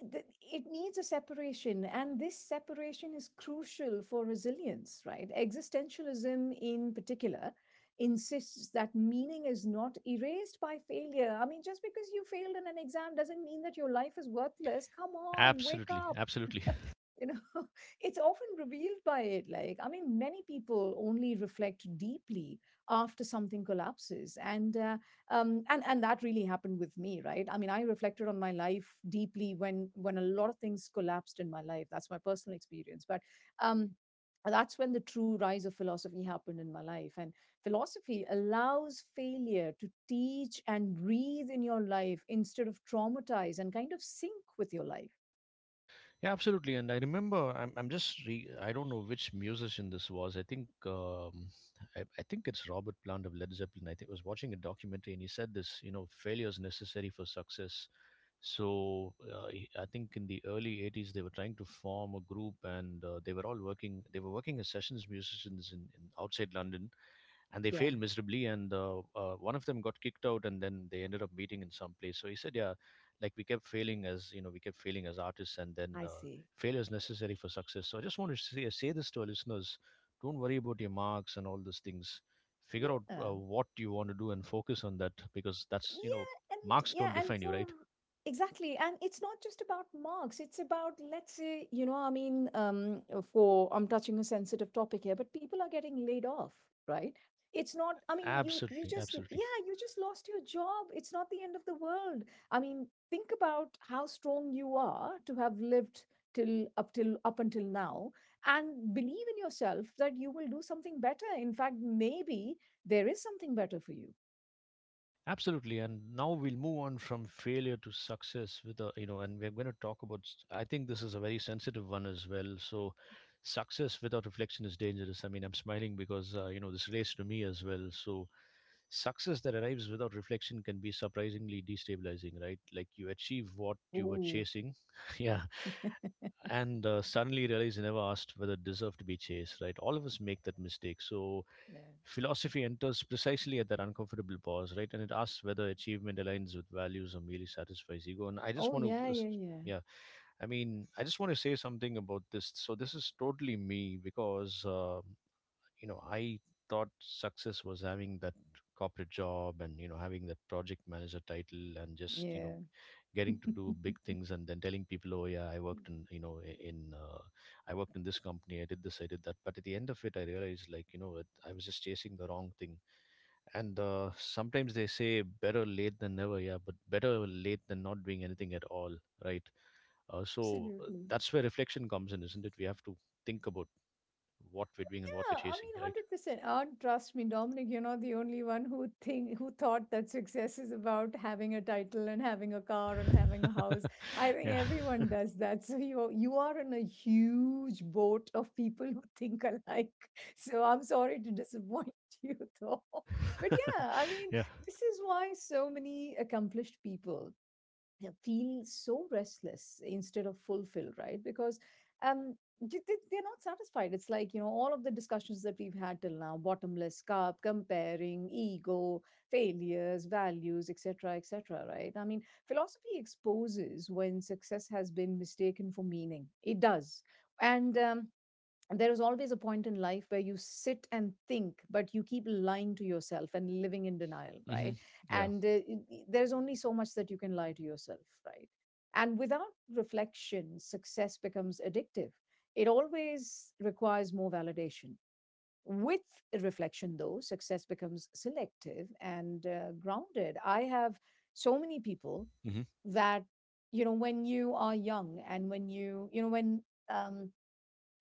Speaker 2: it, th- it needs a separation, and this separation is crucial for resilience, right? Existentialism in particular insists that meaning is not erased by failure. I mean, just because you failed in an exam doesn't mean that your life is worthless. Come on, wake
Speaker 1: Absolutely,
Speaker 2: up,
Speaker 1: absolutely.
Speaker 2: you know. It's often revealed by it. Like, I mean, many people only reflect deeply after something collapses, and that really happened with me, right? I mean, I reflected on my life deeply when a lot of things collapsed in my life. That's my personal experience. But um that's when the true rise of philosophy happened in my life, and philosophy allows failure to teach and breathe in your life instead of traumatize and kind of sync with your life.
Speaker 1: Yeah, absolutely. And I remember, I don't know which musician this was. I think, I think it's Robert Plant of Led Zeppelin. I think I was watching a documentary and he said this, you know, failure is necessary for success. So I think in the early 80s, they were trying to form a group, and they were all working, they were working as sessions musicians in outside London, and they
Speaker 2: Yeah,
Speaker 1: failed miserably, and one of them got kicked out, and then they ended up meeting in some place. So he said, yeah, like we kept failing, as you know we kept failing as artists, and then
Speaker 2: I see.
Speaker 1: failure is necessary for success. So I just want to say this to our listeners: don't worry about your marks and all those things. Figure out
Speaker 2: Yeah.
Speaker 1: what you want to do and focus on that, because that's you know
Speaker 2: Yeah. And
Speaker 1: Marks
Speaker 2: yeah.
Speaker 1: don't
Speaker 2: And
Speaker 1: define you,
Speaker 2: for
Speaker 1: right?
Speaker 2: exactly. And it's not just about marks. It's about, let's say, you know, I mean, for I'm touching a sensitive topic here, but people are getting laid off, right? It's not, I mean, you
Speaker 1: Absolutely,
Speaker 2: just
Speaker 1: absolutely.
Speaker 2: yeah, you just lost your job. It's not the end of the world. I mean, think about how strong you are to have lived till up until now, and believe in yourself that you will do something better. In fact, maybe there is something better for
Speaker 1: Absolutely, and now we'll move on from failure to success with a and we're going to talk about. I think this is a very sensitive one as well. So, success without reflection is dangerous. I mean, I'm smiling because you know this relates to me as well. So, success that arrives without reflection can be surprisingly destabilizing, right? Like, you achieve what you were
Speaker 2: you.
Speaker 1: chasing, yeah, and suddenly realize you never asked whether it deserved to be chased, right? All of us make that mistake. So
Speaker 2: Yeah.
Speaker 1: philosophy enters precisely at that uncomfortable pause, right? And it asks whether achievement aligns with values or merely satisfies ego. And I just
Speaker 2: Oh,
Speaker 1: want to,
Speaker 2: yeah, yeah, yeah.
Speaker 1: yeah, I mean, I just want to say something about this. So this is totally me, because you know, I thought success was having that corporate job, and you know, having that project manager title, and just you know,
Speaker 2: Yeah.
Speaker 1: getting to do big things, and then telling people, oh yeah, I worked in, you know, I- in I worked in this company, I did this, I did that. But at the end of it, I realized, like, you know what, I was just chasing the wrong thing. And sometimes they say better late than never, yeah, but better late than not doing anything at all, right? So
Speaker 2: Absolutely.
Speaker 1: that's where reflection comes in, isn't it? We have to think about what we're doing and what we're
Speaker 2: Yeah, I
Speaker 1: chasing,
Speaker 2: mean,
Speaker 1: right?
Speaker 2: 100%. Trust me, Dominic, you're not the only one who think who thought that success is about having a title and having a car and having a house. I think
Speaker 1: Yeah.
Speaker 2: everyone does that. So you are in a huge boat of people who think alike. So I'm sorry to disappoint you though. But yeah, I mean,
Speaker 1: Yeah.
Speaker 2: this is why so many accomplished people feel so restless instead of fulfilled, right? Because um, they, they're not satisfied. It's like, all of the discussions that we've had till now: bottomless cup, comparing, ego, failures, values, etc., etc., right? I mean, philosophy exposes when success has been mistaken for meaning. It does. And um, and there is always a point in life where you sit and think, but you keep lying to yourself and living in denial,
Speaker 1: Hmm.
Speaker 2: right?
Speaker 1: Yeah.
Speaker 2: and uh, there's only so much that you can lie to yourself, right? And without reflection, success becomes addictive. It always requires more validation. With reflection though, success becomes selective and grounded. I have so many people
Speaker 1: Hmm.
Speaker 2: that, you know, when you are young, and when you know when um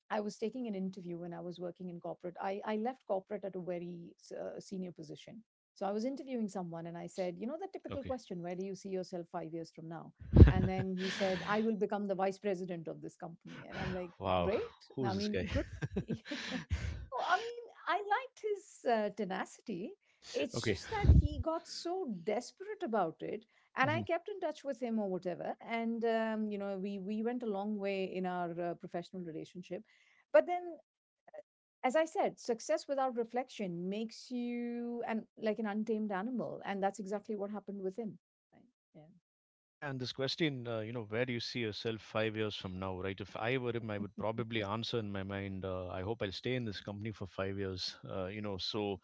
Speaker 2: I was taking an interview when I was working in corporate. I left corporate at a very senior position. So I was interviewing someone and I said, you know, the typical
Speaker 1: Okay.
Speaker 2: question: where do you see yourself 5 years from now? And then he said, I will become the vice president of this company. And I'm like,
Speaker 1: Wow,
Speaker 2: great.
Speaker 1: who
Speaker 2: I
Speaker 1: is this
Speaker 2: mean,
Speaker 1: guy?
Speaker 2: good. So, I mean, I liked his tenacity. It's
Speaker 1: Okay.
Speaker 2: just that he got so desperate about it. And I
Speaker 1: Mhm.
Speaker 2: kept in touch with him or whatever. And you know, we went a long way in our professional relationship. But then, as I said, success without reflection makes you an like an untamed animal, and that's exactly what happened with him. Right?
Speaker 1: Yeah, and this question, you know, where do you see yourself 5 years from now, right? If I were him, I would probably answer in my mind, I hope I'll stay in this company for 5 years, you know, so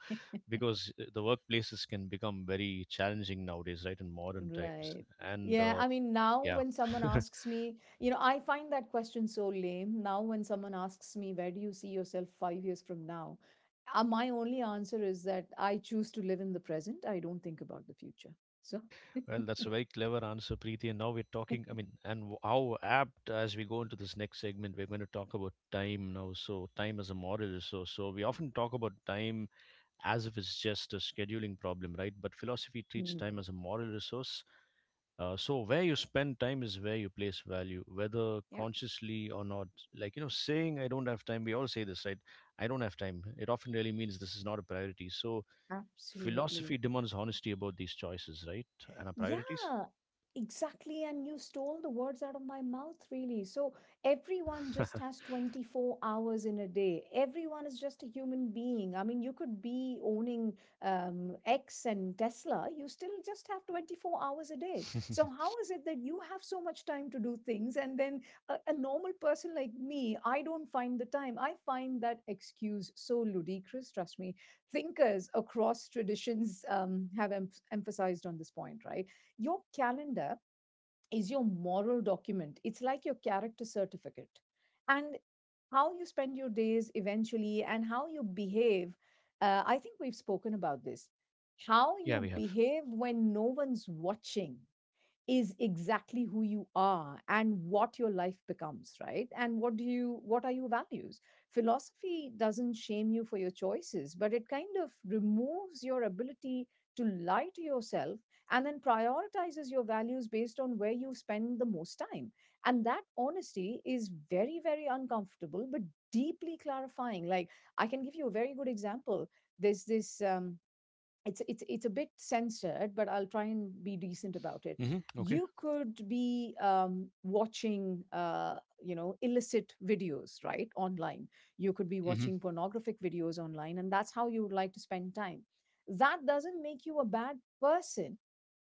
Speaker 1: because the workplaces can become very challenging nowadays, right, in modern
Speaker 2: Yeah.
Speaker 1: times.
Speaker 2: Right.
Speaker 1: And
Speaker 2: Yeah, I mean, now
Speaker 1: yeah.
Speaker 2: when someone asks me, you know, I find that question so lame. Now, when someone asks me, where do you see yourself 5 years from now? My only answer is that I choose to live in the present. I don't think about the future. So,
Speaker 1: Well, that's a very clever answer, Preeti. And now we're talking, I mean, and how apt, as we go into this next segment, we're going to talk about time now. So, time as a moral resource. So, we often talk about time as if it's just a scheduling problem, right? But philosophy treats
Speaker 2: Mm,
Speaker 1: time as a moral resource. So, where you spend time is where you place value, whether
Speaker 2: yeah,
Speaker 1: consciously or not. Like, you know, saying, I don't have time, we all say this, right? I don't have time. It often really means this is not a priority. So, philosophy
Speaker 2: absolutely.
Speaker 1: demands honesty about these choices, right? And our priorities.
Speaker 2: Yeah, exactly. And you stole the words out of my mouth, really. So everyone just has 24 hours in a day. Everyone is just a human being. I mean, you could be owning X and Tesla, you still just have 24 hours a day. So, how is it that you have so much time to do things? And then a normal person like me, I don't find the time. I find that excuse so ludicrous. Trust me, thinkers across traditions have emphasized on this point, right? Your calendar is your moral document, it's like your character certificate. And how you spend your days eventually and how you behave, I think we've spoken about this. How
Speaker 1: Yeah,
Speaker 2: you
Speaker 1: we have.
Speaker 2: behave when no one's watching is exactly who you are and what your life becomes, right? And what do you, what are your values? Philosophy doesn't shame you for your choices, but it kind of removes your ability to lie to yourself, and then prioritizes your values based on where you spend the most time. And that honesty is very, very uncomfortable but deeply clarifying. Like, I can give you a very good example. There's this it's it's a bit censored, but I'll try and be decent about it.
Speaker 1: Hmm. Okay.
Speaker 2: You could be watching, you know, illicit videos, right, online. You could be
Speaker 1: Hmm.
Speaker 2: watching pornographic videos online, and that's how you would like to spend time. That doesn't make you a bad person,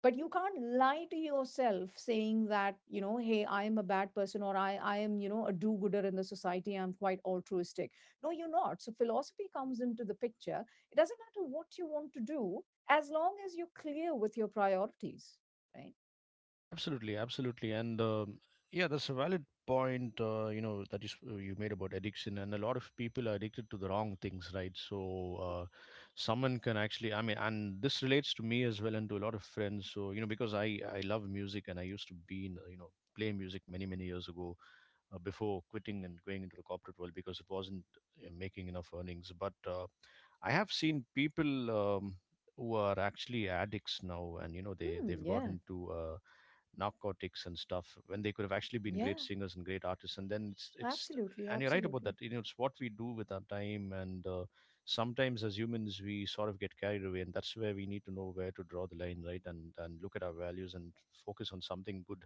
Speaker 2: but you can't lie to yourself saying that, you know, hey, I am a bad person, or I am, you know, a do gooder in the society, I'm quite altruistic. No, you're not. So philosophy comes into the picture. It doesn't matter what you want to do, as long as you're clear with your priorities, right?
Speaker 1: Absolutely, absolutely, and yeah, that's a valid point. You know that you you made about addiction, and a lot of people are addicted to the wrong things, right? So
Speaker 2: Right.
Speaker 1: uh, someone can actually, I mean, and this relates to me as well, and to a lot of friends. So you know, because I love music, and I used to be in you know, play music many many years ago, before quitting and going into the corporate world, because it wasn't making enough earnings, but. I have seen people who are actually addicts now, and you know they
Speaker 2: Hmm,
Speaker 1: they've got
Speaker 2: yeah,
Speaker 1: into narcotics and stuff, when they could have actually been great
Speaker 2: yeah.
Speaker 1: singers and great artists. And then it's
Speaker 2: Absolutely,
Speaker 1: and you're right about
Speaker 2: absolutely,
Speaker 1: that. You know, it's what we do with our time, and sometimes as humans we sort of get carried away, and that's where we need to know where to draw the line, right? And look at our values and focus on something good.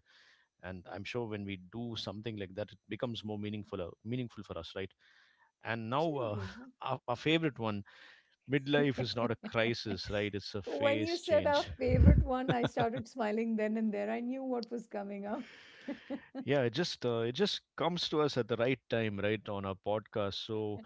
Speaker 1: And I'm sure when we do something like that, it becomes more meaningful, meaningful for us, right? And now
Speaker 2: absolutely.
Speaker 1: our favorite one, midlife is
Speaker 2: Yeah.
Speaker 1: not a crisis, right? It's a
Speaker 2: When you
Speaker 1: phase
Speaker 2: said our
Speaker 1: change.
Speaker 2: favorite one, I started smiling then and there. I knew what was coming up.
Speaker 1: Yeah, it just comes to us at the right time, right, on our podcast. So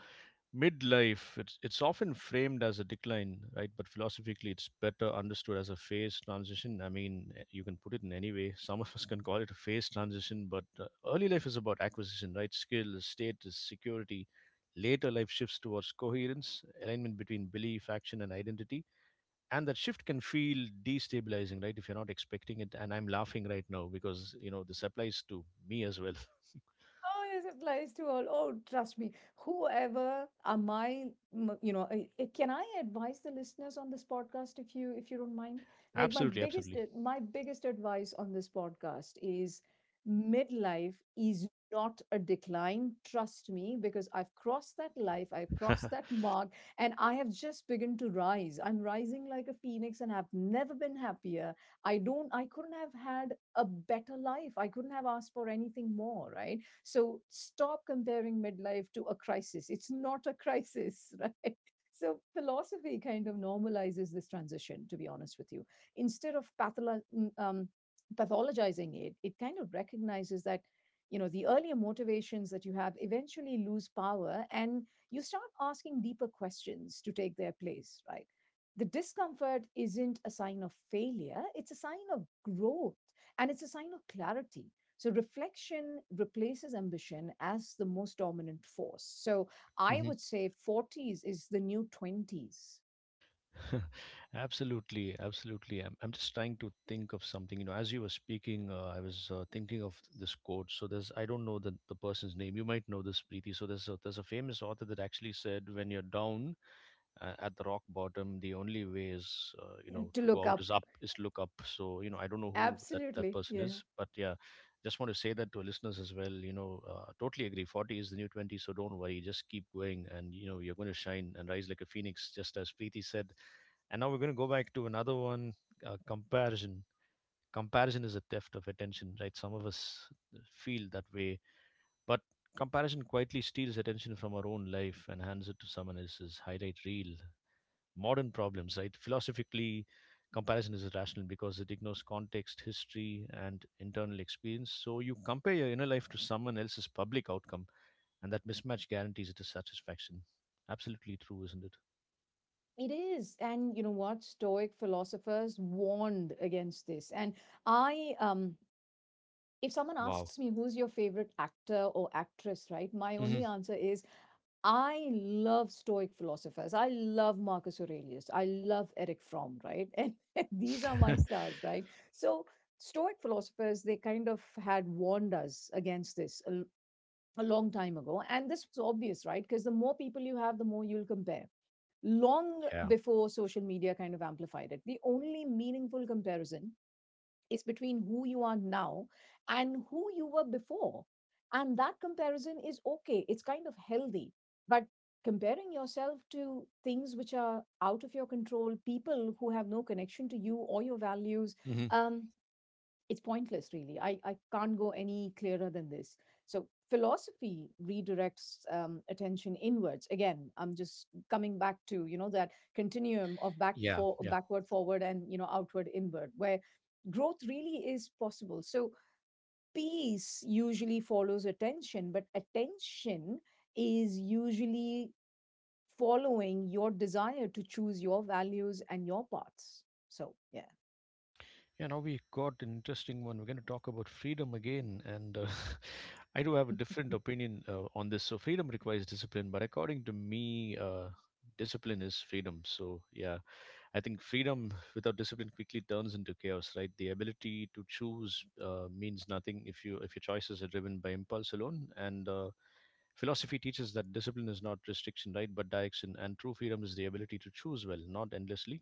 Speaker 1: midlife, it's often framed as a decline, right? But philosophically, it's better understood as a phase transition. I mean, eh, you can put it in any way. Some of us can call it a phase transition, but early life is about acquisition, right? Skill, status, security. Later life shifts towards coherence, alignment between belief, action, and identity, and that shift can feel destabilizing, right, if you're not expecting it. And I'm laughing right now, because you know this applies to me as well.
Speaker 2: Oh, this applies to all. Oh, trust me. Whoever am I, you know, can I advise the listeners on this podcast, if you, if you don't mind? Like, my
Speaker 1: Absolutely,
Speaker 2: biggest,
Speaker 1: absolutely.
Speaker 2: my biggest advice on this podcast is: midlife is not a decline. Trust me, because I've crossed that life, I've crossed that mark, and I have just begun to rise. I'm rising like a phoenix and have never been happier. I don't, I couldn't have had a better life. I couldn't have asked for anything more, right? So stop comparing midlife to a crisis. It's not a crisis, right? So philosophy kind of normalizes this transition, to be honest with you. Instead of pathologizing it, it kind of recognizes that, you know, the earlier motivations that you have eventually lose power, and you start asking deeper questions to take their place, right? The discomfort isn't a sign of failure, it's a sign of growth, and it's a sign of clarity. So reflection replaces ambition as the most dominant force. So I
Speaker 1: Hmm.
Speaker 2: would say 40s is the new 20s.
Speaker 1: Absolutely, absolutely. I'm just trying to think of something, you know, as you were speaking, I was thinking of this quote. So there's, I don't know the person's name, you might know this, Preeti. So there's a famous author that actually said, when you're down, at the rock bottom, the only way is you know,
Speaker 2: To
Speaker 1: to go
Speaker 2: look
Speaker 1: out
Speaker 2: up.
Speaker 1: is up, is look up. So you know, I don't know who that
Speaker 2: Absolutely.
Speaker 1: person
Speaker 2: Yeah.
Speaker 1: is, but yeah, just want to say that to our listeners as well. You know, totally agree, 40 is the new 20. So don't worry, just keep going, and you know, you're going to shine and rise like a phoenix, just as Preeti said. And now we're going to go back to another one, comparison. Comparison is a theft of attention, right? Some of us feel that way. But comparison quietly steals attention from our own life and hands it to someone else's highlight reel. Modern problems, right? Philosophically, comparison is irrational because it ignores context, history, and internal experience. So you compare your inner life to someone else's public outcome, and that mismatch guarantees it is satisfaction. Absolutely true, isn't it?
Speaker 2: It is. And you know what? Stoic philosophers warned against this. And I, um, if someone
Speaker 1: Wow.
Speaker 2: asks me who's your favorite actor or actress, right? My
Speaker 1: Hmm.
Speaker 2: only answer is I love Stoic philosophers. I love Marcus Aurelius. I love Eric Fromm, right? And these are my stars, right? So, Stoic philosophers, they kind of had warned us against this a long time ago. And this was obvious, right? Because the more people you have, the more you'll compare. Long
Speaker 1: Yeah.
Speaker 2: before social media kind of amplified it, the only meaningful comparison, it's between who you are now and who you were before. And that comparison is okay, it's kind of healthy. But comparing yourself to things which are out of your control, people who have no connection to you or your values,
Speaker 1: Hmm.
Speaker 2: um, it's pointless, really. I can't go any clearer than this. So philosophy redirects attention inwards. Again, I'm just coming back to, you know, that continuum of back
Speaker 1: Yeah.
Speaker 2: for
Speaker 1: Yeah.
Speaker 2: backward, forward, and, you know, outward, inward, where growth really is possible. So peace usually follows attention, but attention is usually following your desire to choose your values and your paths. So
Speaker 1: Yeah, now we got an interesting one. We're going to talk about freedom again, and I do have a
Speaker 2: yeah.
Speaker 1: different opinion on this. So, freedom requires discipline, but according to me, discipline is freedom. So, yeah, I think freedom without discipline quickly turns into chaos. Right, the ability to choose means nothing if you, if your choices are driven by impulse alone. And philosophy teaches that discipline is not restriction, right, but direction. And true freedom is the ability to choose well, not endlessly.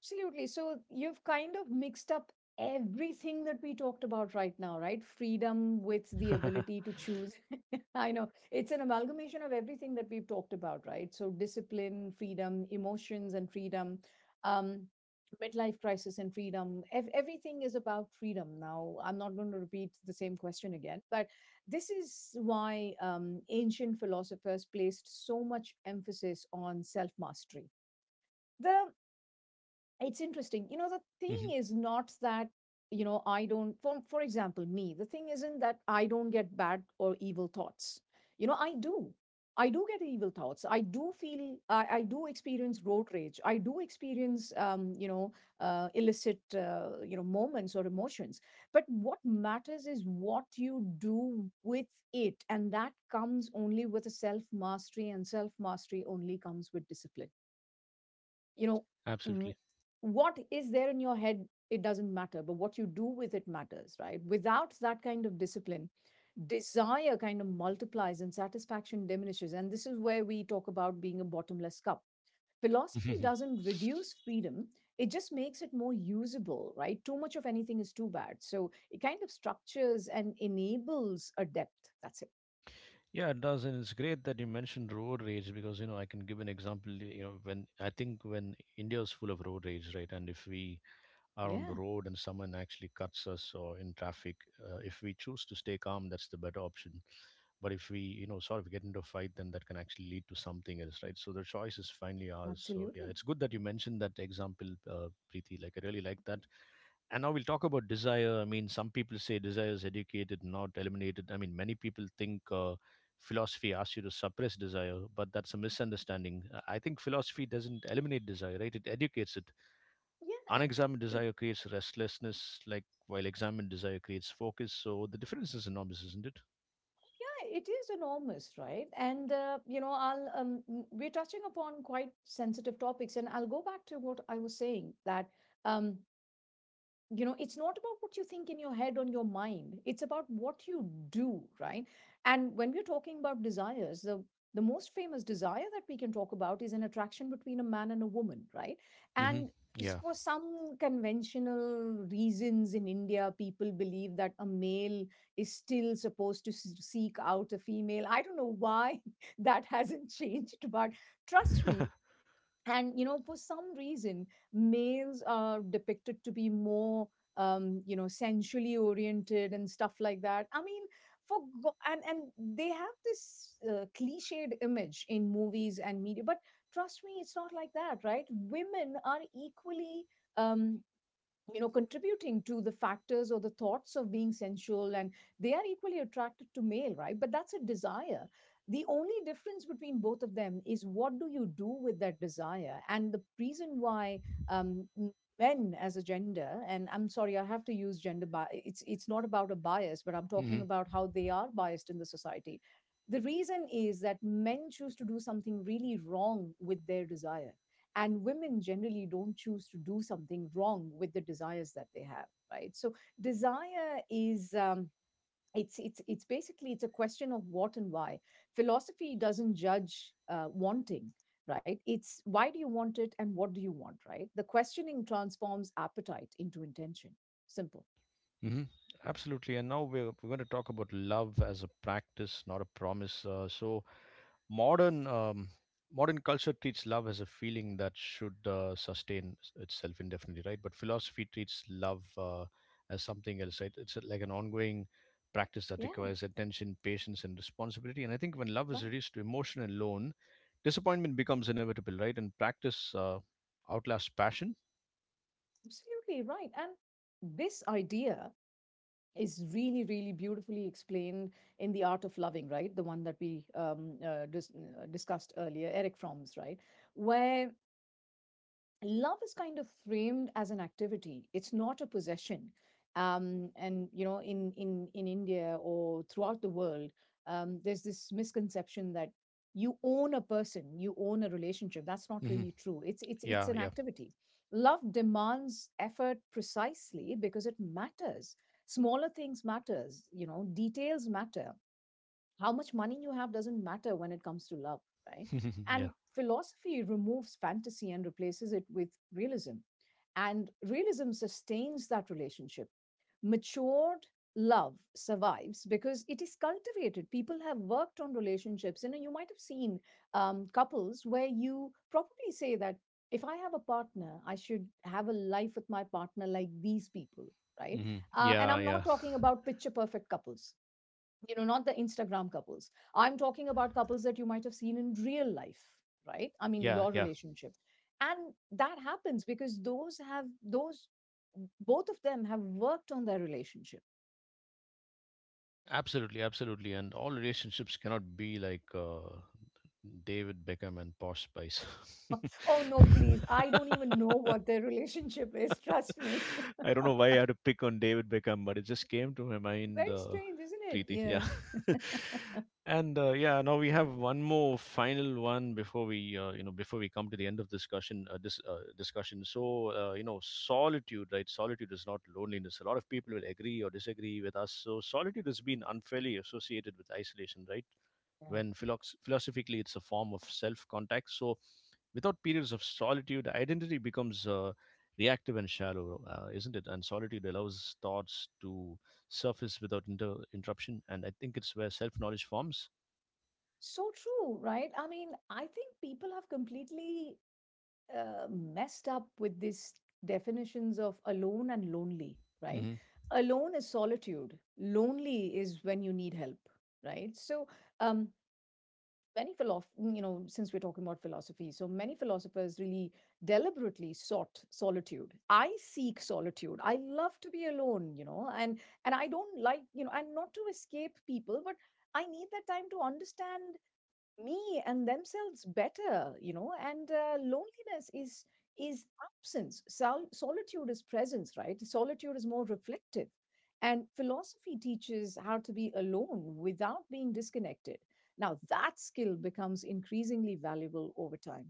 Speaker 2: Absolutely. So you've kind of mixed up everything that we talked about right now, right? Freedom with the ability to choose. I know it's an amalgamation of everything that we've talked about, right? So discipline, freedom, emotions, and freedom. Um, midlife crisis and freedom. Everything is about freedom now. I'm not going to repeat the same question again, but this is why ancient philosophers placed so much emphasis on self mastery. The, it's interesting, you know, the
Speaker 1: Mhm.
Speaker 2: thing is not that, you know, I don't, for example, me, the thing isn't that I don't get bad or evil thoughts. You know, I do. I do get evil thoughts. I do feel, I do experience road rage. I do experience, you know, illicit, you know, moments or emotions, but what matters is what you do with it, and that comes only with a self mastery, and self mastery only comes with discipline, you know.
Speaker 1: Absolutely.
Speaker 2: w- what is there in your head, it doesn't matter, but what you do with it matters, right? Without that kind of discipline, desire kind of multiplies and satisfaction diminishes, and this is where we talk about being a bottomless cup. Philosophy doesn't reduce freedom, it just makes it more usable, right? Too much of anything is too bad. So it kind of structures and enables a depth, that's it.
Speaker 1: Yeah, it does, and it's great that you mentioned road rage, because you know I can give an example. You know, when I think, when India is full of road rage, right? And if we are on the
Speaker 2: Yeah,
Speaker 1: road and someone actually cuts us or in traffic, if we choose to stay calm, that's the better option. But if we, you know, sort of get into a fight, then that can actually lead to something else, right? So the choice is finally ours. So yeah,
Speaker 2: absolutely.
Speaker 1: it's good that you mentioned that example, Preeti. Like, I really like that. And now we'll talk about desire. I mean, some people say desire is educated, not eliminated. I mean, many people think philosophy asks you to suppress desire, but that's a misunderstanding. I think philosophy doesn't eliminate desire, right? It educates it.
Speaker 2: Yeah,
Speaker 1: Unexamined
Speaker 2: it,
Speaker 1: desire creates restlessness, like, while examined desire creates focus. So the difference is enormous, isn't it?
Speaker 2: yeah, it is enormous, right? And you know, I'll we're touching upon quite sensitive topics, and I'll go back to what I was saying, that um, you know, it's not about what you think in your head, on your mind, it's about what you do, right? And when we're talking about desires, the most famous desire that we can talk about is an attraction between a man and a woman, right?
Speaker 1: Mm-hmm.
Speaker 2: And
Speaker 1: Yeah.
Speaker 2: for some conventional reasons in India, people believe that a male is still supposed to seek out a female. I don't know why that hasn't changed, but trust me, and, you know, for some reason, males are depicted to be more, you know, sensually oriented and stuff like that. I mean, for and they have this cliched image in movies and media, but trust me, it's not like that, right? Women are equally, um you know, contributing to the factors or the thoughts of being sensual, and they are equally attracted to male, right? But that's a desire. The only difference between both of them is what do you do with that desire. And the reason why, um, men as a gender, and I'm sorry I have to use gender, it's not about a bias, but I'm
Speaker 1: Mm-hmm.
Speaker 2: talking about how they are biased in the society. The reason is that men choose to do something really wrong with their desire, and women generally don't choose to do something wrong with the desires that they have, right? So desire is, it's, it's basically, it's a question of what and why. Philosophy doesn't judge wanting, right? It's, why do you want it, and what do you want, right? The questioning transforms appetite into intention. Simple.
Speaker 1: Mm-hmm. Absolutely. And now we're going to talk about love as a practice, not a promise. So modern um, modern culture treats love as a feeling that should sustain itself indefinitely, right? But philosophy treats love as something else, right? It's a- like an ongoing practice that
Speaker 2: Yeah,
Speaker 1: requires attention, patience, and responsibility. And I think when love is
Speaker 2: right,
Speaker 1: reduced to emotion alone, disappointment becomes inevitable, right? And practice outlasts passion.
Speaker 2: absolutely, right. And this idea is really, really beautifully explained in The Art of Loving, right? The one that we discussed earlier, Eric Fromm's, right? Where love is kind of framed as an activity, it's not a possession. Um, and you know, in in India, or throughout the world, there's this misconception that you own a person, you own a relationship. That's not
Speaker 1: Hmm.
Speaker 2: really true, it's, it's
Speaker 1: Yeah,
Speaker 2: an
Speaker 1: yeah.
Speaker 2: activity. Love demands effort precisely because it matters. Smaller things matters, you know, details matter. How much money you have doesn't matter when it comes to love, right? And
Speaker 1: Yeah.
Speaker 2: philosophy removes fantasy and replaces it with realism. And realism sustains that relationship. Matured love survives because it is cultivated. People have worked on relationships. You know, you might have seen couples where you probably say that if I have a partner, I should have a life with my partner like these people, right?
Speaker 1: Hmm.
Speaker 2: And
Speaker 1: Yeah,
Speaker 2: I'm
Speaker 1: yeah.
Speaker 2: not talking about picture perfect couples, you know, not the Instagram couples. I'm talking about couples that you might have seen in real life, right? I mean,
Speaker 1: Yeah,
Speaker 2: your
Speaker 1: yeah.
Speaker 2: relationship, and that happens because those have, those, both of them have worked on their relationship.
Speaker 1: Absolutely, absolutely. And all relationships cannot be like David Beckham and Posh Spice.
Speaker 2: Oh no, please, I don't even know what their relationship is, trust me.
Speaker 1: I don't know why I had to pick on David Beckham, but it just came to my mind,
Speaker 2: Very strange, isn't it?
Speaker 1: Preeti.
Speaker 2: Yeah,
Speaker 1: Yeah. And yeah, now we have one more final one before we, you know, before we come to the end of discussion. This discussion. So you know, solitude, right? Solitude is not loneliness. A lot of people will agree or disagree with us. So solitude has been unfairly associated with isolation, right?
Speaker 2: yeah.
Speaker 1: When philo- Philosophically, it's a form of self-contact. So without periods of solitude, identity becomes reactive and shallow, isn't it? And solitude allows thoughts to surface without interruption. And I think it's where self knowledge forms.
Speaker 2: So true, right? I mean, I think people have completely messed up with these definitions of alone and lonely, right? Alone is solitude. Lonely is when you need help, right? So, um, many philosoph you know, since we're talking about philosophy, so many philosophers really deliberately sought solitude. I seek solitude. I love to be alone, you know, and I don't like, you know, and not to escape people, but I need that time to understand me and themselves better, you know. And loneliness is absence. Solitude is presence, right? Solitude is more reflective, and philosophy teaches how to be alone without being disconnected. Now that skill becomes increasingly valuable over time.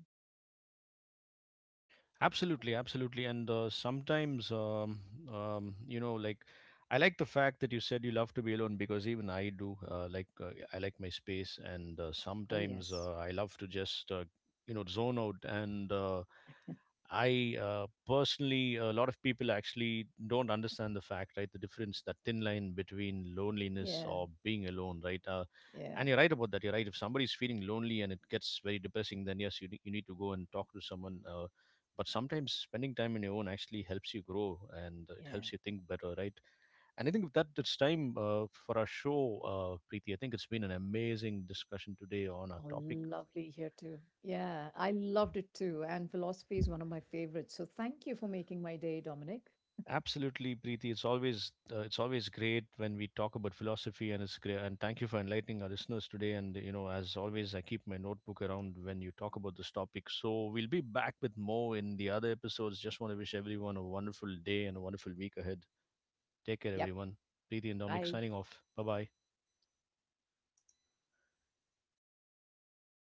Speaker 1: Absolutely, absolutely. And sometimes, you know, like, I like the fact that you said you love to be alone, because even I do. Like I like my space, and
Speaker 2: Oh
Speaker 1: sometimes
Speaker 2: yes.
Speaker 1: I love to just, you know, zone out. And I personally, a lot of people actually don't understand the fact, right? The difference, that thin line between loneliness
Speaker 2: Yeah,
Speaker 1: or being alone, right?
Speaker 2: yeah,
Speaker 1: And you're right about that. You're right. If somebody's feeling lonely and it gets very depressing, then yes, ne- you need to go and talk to someone. But sometimes spending time on your own actually helps you grow, and it
Speaker 2: yeah.
Speaker 1: helps you think better, right? And I think with that, it's time for our show. Uh, Preeti, I think it's been an amazing discussion today on our
Speaker 2: Oh,
Speaker 1: topic.
Speaker 2: lovely, here too. Yeah, I loved it too, and philosophy is one of my favorites, so thank you for making my day, Dominic.
Speaker 1: Absolutely, Preeti, it's always great when we talk about philosophy, and it's great, and thank you for enlightening our listeners today. And you know, as always, I keep my notebook around when you talk about this topic. So we'll be back with more in the other episodes. Just want to wish everyone a wonderful day and a wonderful week ahead. Take care
Speaker 2: Yep.
Speaker 1: everyone. Preeti and Dominic
Speaker 2: Bye.
Speaker 1: signing off. Bye bye.